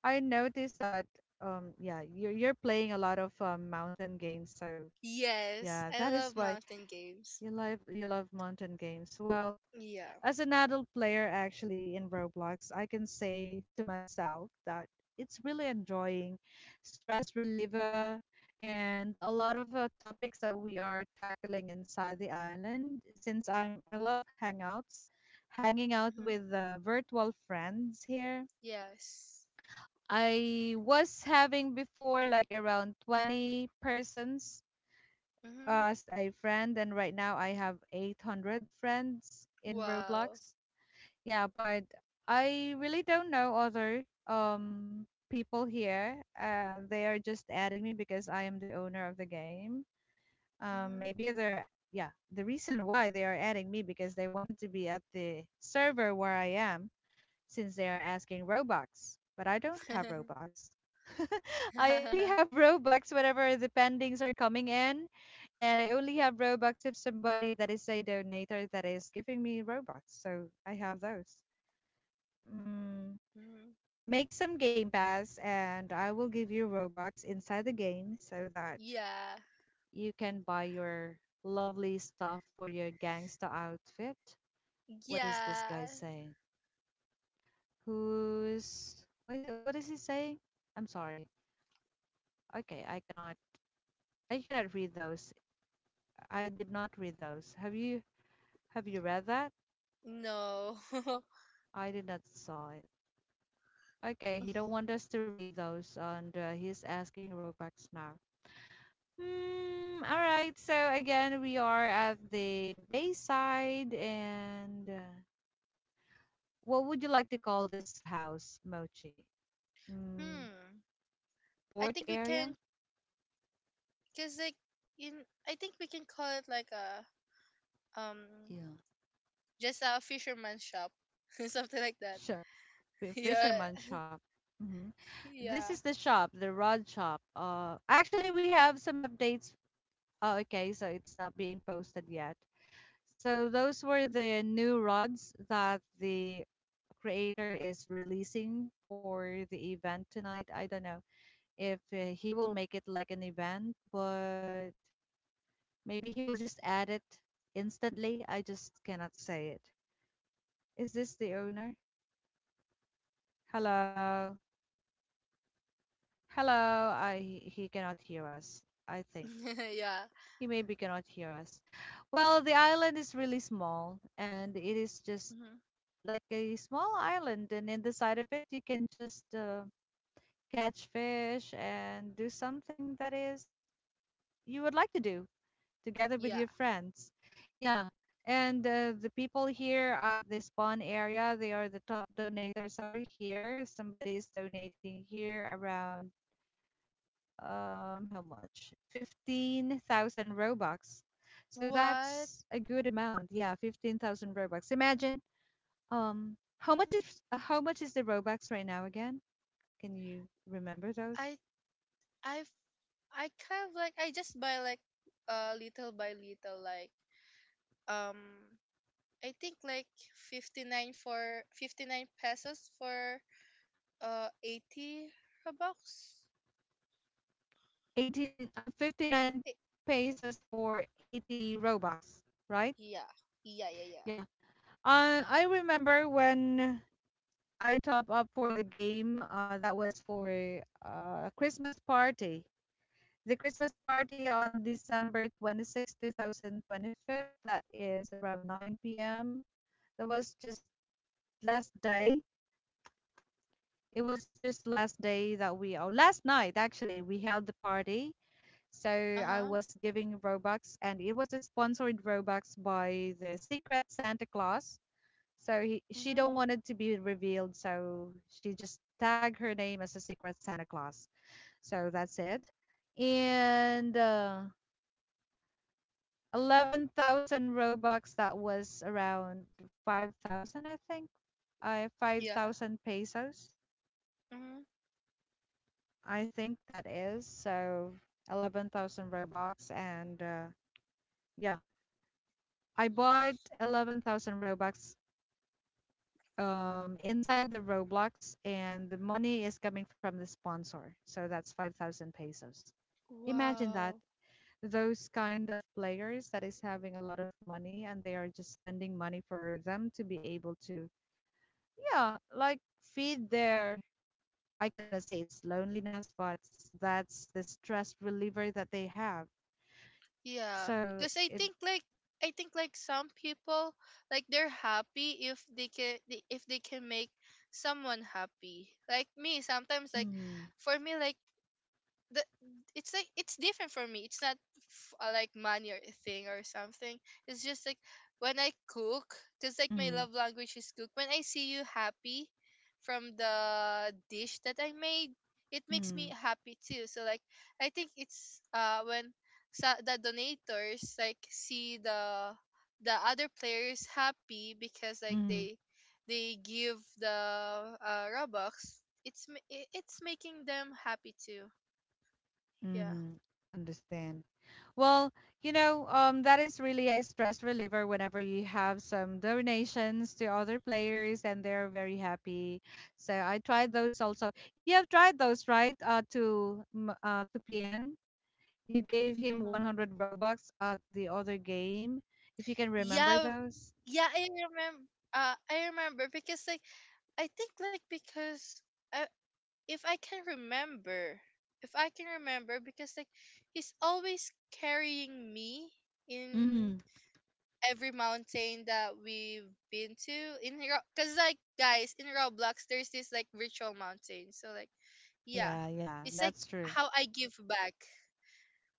Speaker 1: I I noticed that um yeah, you're you're playing a lot of um, mountain games, so
Speaker 2: Yes,
Speaker 1: yeah,
Speaker 2: I
Speaker 1: that is
Speaker 2: love
Speaker 1: why
Speaker 2: mountain games.
Speaker 1: you love you love mountain games. Well,
Speaker 2: Yeah.
Speaker 1: as an adult player, actually, in Roblox, I can say to myself that it's really enjoying stress reliever and a lot of uh, topics that we are tackling inside the island. Since I'm, I love hangouts, hanging out
Speaker 2: Hmm.
Speaker 1: with uh, virtual friends here.
Speaker 2: Yes.
Speaker 1: I was having before like around twenty persons
Speaker 2: Hmm.
Speaker 1: uh, as a friend, and right now I have eight hundred friends in
Speaker 2: Wow.
Speaker 1: Roblox, yeah, but I really don't know other um people here. Uh, they are just adding me because I am the owner of the game. Um,
Speaker 2: Hmm.
Speaker 1: maybe they're, yeah. The reason why they are adding me because they wanted to be at the server where I am since they are asking Robux, but I don't have Robux. I only have Robux whenever the pendings are coming in, and I only have Robux if somebody that is a donator that is giving me Robux. So I have those. Mm,
Speaker 2: Hmm.
Speaker 1: Make some Game Pass, and I will give you Robux inside the game so that
Speaker 2: Yeah.
Speaker 1: you can buy your lovely stuff for your gangsta outfit. What is this guy
Speaker 2: Yeah.
Speaker 1: saying? Who's what is, it, what is he saying? I'm sorry. Okay, I cannot I cannot read those. I did not read those. Have you have you read that?
Speaker 2: No.
Speaker 1: I did not saw it. Okay, he don't want us to read those, and uh, he's asking Robux now. Hmm. All right. So again, we are at the Bayside, and uh, what would you like to call this house, Mochi? Mm,
Speaker 2: Hmm. I
Speaker 1: Port
Speaker 2: think we
Speaker 1: area.
Speaker 2: can, cause like in, I think we can call it like a um,
Speaker 1: Yeah,
Speaker 2: just a fisherman's shop, something like that.
Speaker 1: shop, fi-
Speaker 2: Yeah.
Speaker 1: fisherman shop. Hmm This is
Speaker 2: Yeah.
Speaker 1: the shop, the rod shop. Uh, actually, we have some updates. Oh, okay, so it's not being posted yet. So those were the new rods that the creator is releasing for the event tonight. I don't know if uh, he will make it like an event, but maybe he will just add it instantly. I just cannot say it. Is this the owner? Hello, hello. I he cannot hear us. I think
Speaker 2: Yeah.
Speaker 1: he maybe cannot hear us. Well, the island is really small, and it is just
Speaker 2: Hmm.
Speaker 1: like a small island, and in the side of it, you can just uh, catch fish and do something that is you would like to do together with
Speaker 2: Yeah.
Speaker 1: your friends. Yeah. And uh, the people here at the spawn area, they are the top donators over here. Somebody is donating here around um how much? fifteen thousand Robux. So
Speaker 2: What?
Speaker 1: that's a good amount. Yeah, fifteen thousand Robux. Imagine um how much is uh, how much is the Robux right now again? Can you remember those?
Speaker 2: I I've, I kind of like I just buy like uh little by little, like um I think like fifty-nine for fifty-nine pesos for uh eighty robux.
Speaker 1: eighteen, uh, fifty-nine
Speaker 2: Eh,
Speaker 1: pesos for eighty Robux, right?
Speaker 2: yeah. Yeah, yeah, yeah.
Speaker 1: Yeah. Uh, I remember when I top up for the game. Uh, that was for uh Christmas party. The Christmas party on December twenty sixth, two thousand twenty-five. That is around nine p m. That was just last day. It was just last day that we, oh, last night actually, we held the party. So I
Speaker 2: Uh-huh.
Speaker 1: was giving Robux, and it was sponsored Robux by the Secret Santa Claus. So he, she
Speaker 2: Mhm.
Speaker 1: don't want it to be revealed, so she just tagged her name as a secret Santa Claus. So that's it. And uh, eleven thousand Robux, that was around five thousand, I think. Uh,
Speaker 2: Yeah.
Speaker 1: five thousand pesos,
Speaker 2: Mhm.
Speaker 1: I think that is. So eleven thousand Robux. And uh, yeah, I bought eleven thousand Robux um, inside the Roblox, and the money is coming from the sponsor. So that's five thousand pesos. Imagine that.
Speaker 2: Wow.
Speaker 1: Those kind of players that is having a lot of money and they are just spending money for them to be able to, yeah, like feed their, I cannot say it's loneliness, but s- that's the stress reliever that they have.
Speaker 2: Yeah.
Speaker 1: So
Speaker 2: Cuz I
Speaker 1: it,
Speaker 2: think like I think like some people, like they're happy if they can they- if they can make someone happy. Like me sometimes, like
Speaker 1: mm,
Speaker 2: for me like the it's like it's different for me. It's not f- uh, like money or a thing or something. It's just like when I cook, cause like my
Speaker 1: mm,
Speaker 2: love language is cook. When I see you happy from the dish that I made, it makes
Speaker 1: mm,
Speaker 2: me happy too. So like I think it's uh when sa- the donators like see the the other players happy because like
Speaker 1: mm.
Speaker 2: they they give the uh, Robux. It's ma- it- it's making them happy too. Yeah.
Speaker 1: Mm-hmm. Understand. Well, you know, um, that is really a stress reliever whenever you have some donations to other players and they're very happy. So I tried those also. You have tried those, right? Uh, to M- uh, to P N, you gave him
Speaker 2: Hmm.
Speaker 1: one hundred Robux at the other game. If you can remember
Speaker 2: Yeah.
Speaker 1: those.
Speaker 2: Yeah, I remember. Uh, I remember because like I think like because uh, if I can remember, if I can remember because like he's always carrying me in
Speaker 1: Mm-hmm.
Speaker 2: every mountain that we've been to in because like guys in Roblox there's this like virtual mountain. So like yeah,
Speaker 1: Yeah, yeah,
Speaker 2: it's like
Speaker 1: that's true.
Speaker 2: how I give back.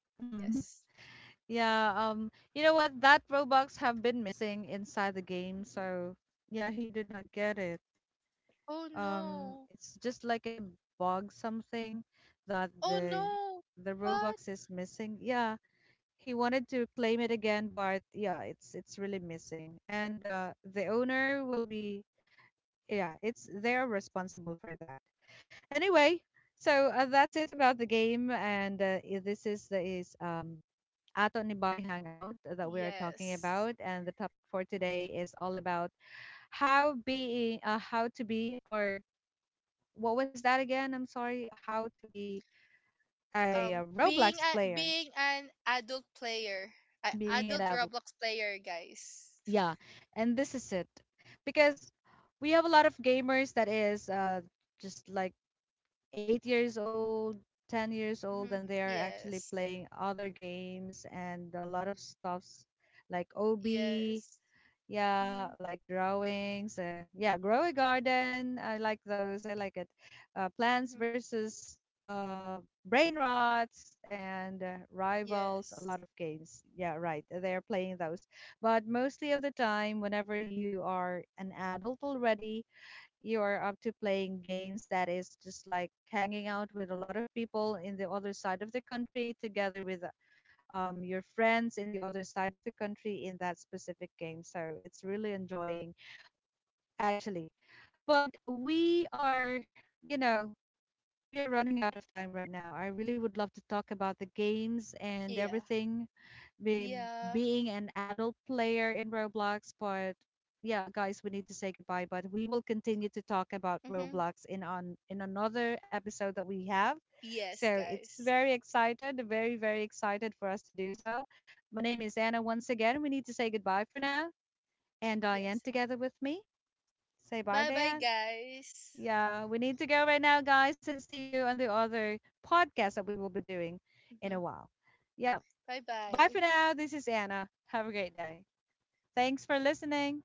Speaker 2: Yes.
Speaker 1: Yeah, um, you know what? That Robux have been missing inside the game, so yeah, he did not get it.
Speaker 2: Oh
Speaker 1: Um,
Speaker 2: no.
Speaker 1: it's just like a bug something that
Speaker 2: Oh
Speaker 1: the
Speaker 2: no.
Speaker 1: the
Speaker 2: What?
Speaker 1: Robux is missing. Yeah, he wanted to claim it again, but yeah, it's it's really missing. And uh, the owner will be, yeah, it's they're responsible for that. Anyway, so uh, that's it about the game, and uh, i- this is the is um at Onibay Hangout that we are talking
Speaker 2: Yes.
Speaker 1: about. And the topic for today is all about how being, uh, how to be, or what was that again? I'm sorry, how to be a,
Speaker 2: Um,
Speaker 1: uh
Speaker 2: being
Speaker 1: Roblox
Speaker 2: a
Speaker 1: player,
Speaker 2: being an adult player, a
Speaker 1: being an
Speaker 2: adult
Speaker 1: adult.
Speaker 2: Roblox player, guys.
Speaker 1: Yeah, and this is it because we have a lot of gamers that is uh, just like eight years old, ten years old,
Speaker 2: Hmm.
Speaker 1: and they are actually
Speaker 2: Yes.
Speaker 1: playing other games and a lot of stuffs like ob,
Speaker 2: Yes.
Speaker 1: yeah,
Speaker 2: Hmm.
Speaker 1: like drawings. Uh, yeah, grow a garden. I like those. I like it. Uh, plants
Speaker 2: Hmm.
Speaker 1: versus uh, brain rots and uh, rivals. A
Speaker 2: Yes.
Speaker 1: lot of games. Yeah, right. uh, They are playing those. But mostly of the time, whenever you are an adult already, you are up to playing games that is just like hanging out with a lot of people in the other side of the country together with um, your friends in the other side of the country in that specific game. So it's really enjoying, actually. But we are, you know, we are running out of time right now. I really would love to talk about the games and
Speaker 2: Yeah.
Speaker 1: everything be,
Speaker 2: Yeah.
Speaker 1: being an adult player in Roblox. But yeah, guys, we need to say goodbye. But we will continue to talk about
Speaker 2: Hmm.
Speaker 1: Roblox in on in another episode that we have.
Speaker 2: Yes,
Speaker 1: So it's
Speaker 2: guys.
Speaker 1: very excited, very very excited for us to do so. My name is Anna. Once again, we need to say goodbye for now. And Diane,
Speaker 2: Yes.
Speaker 1: together with me, say bye,
Speaker 2: Bye, bye,
Speaker 1: Diane.
Speaker 2: guys.
Speaker 1: Yeah, we need to go right now, guys, and see you on the other podcast that we will be doing in
Speaker 2: Hmm.
Speaker 1: a while. Yeah.
Speaker 2: Bye,
Speaker 1: Bye
Speaker 2: bye.
Speaker 1: for now. This is Anna. Have a great day. Thanks for listening.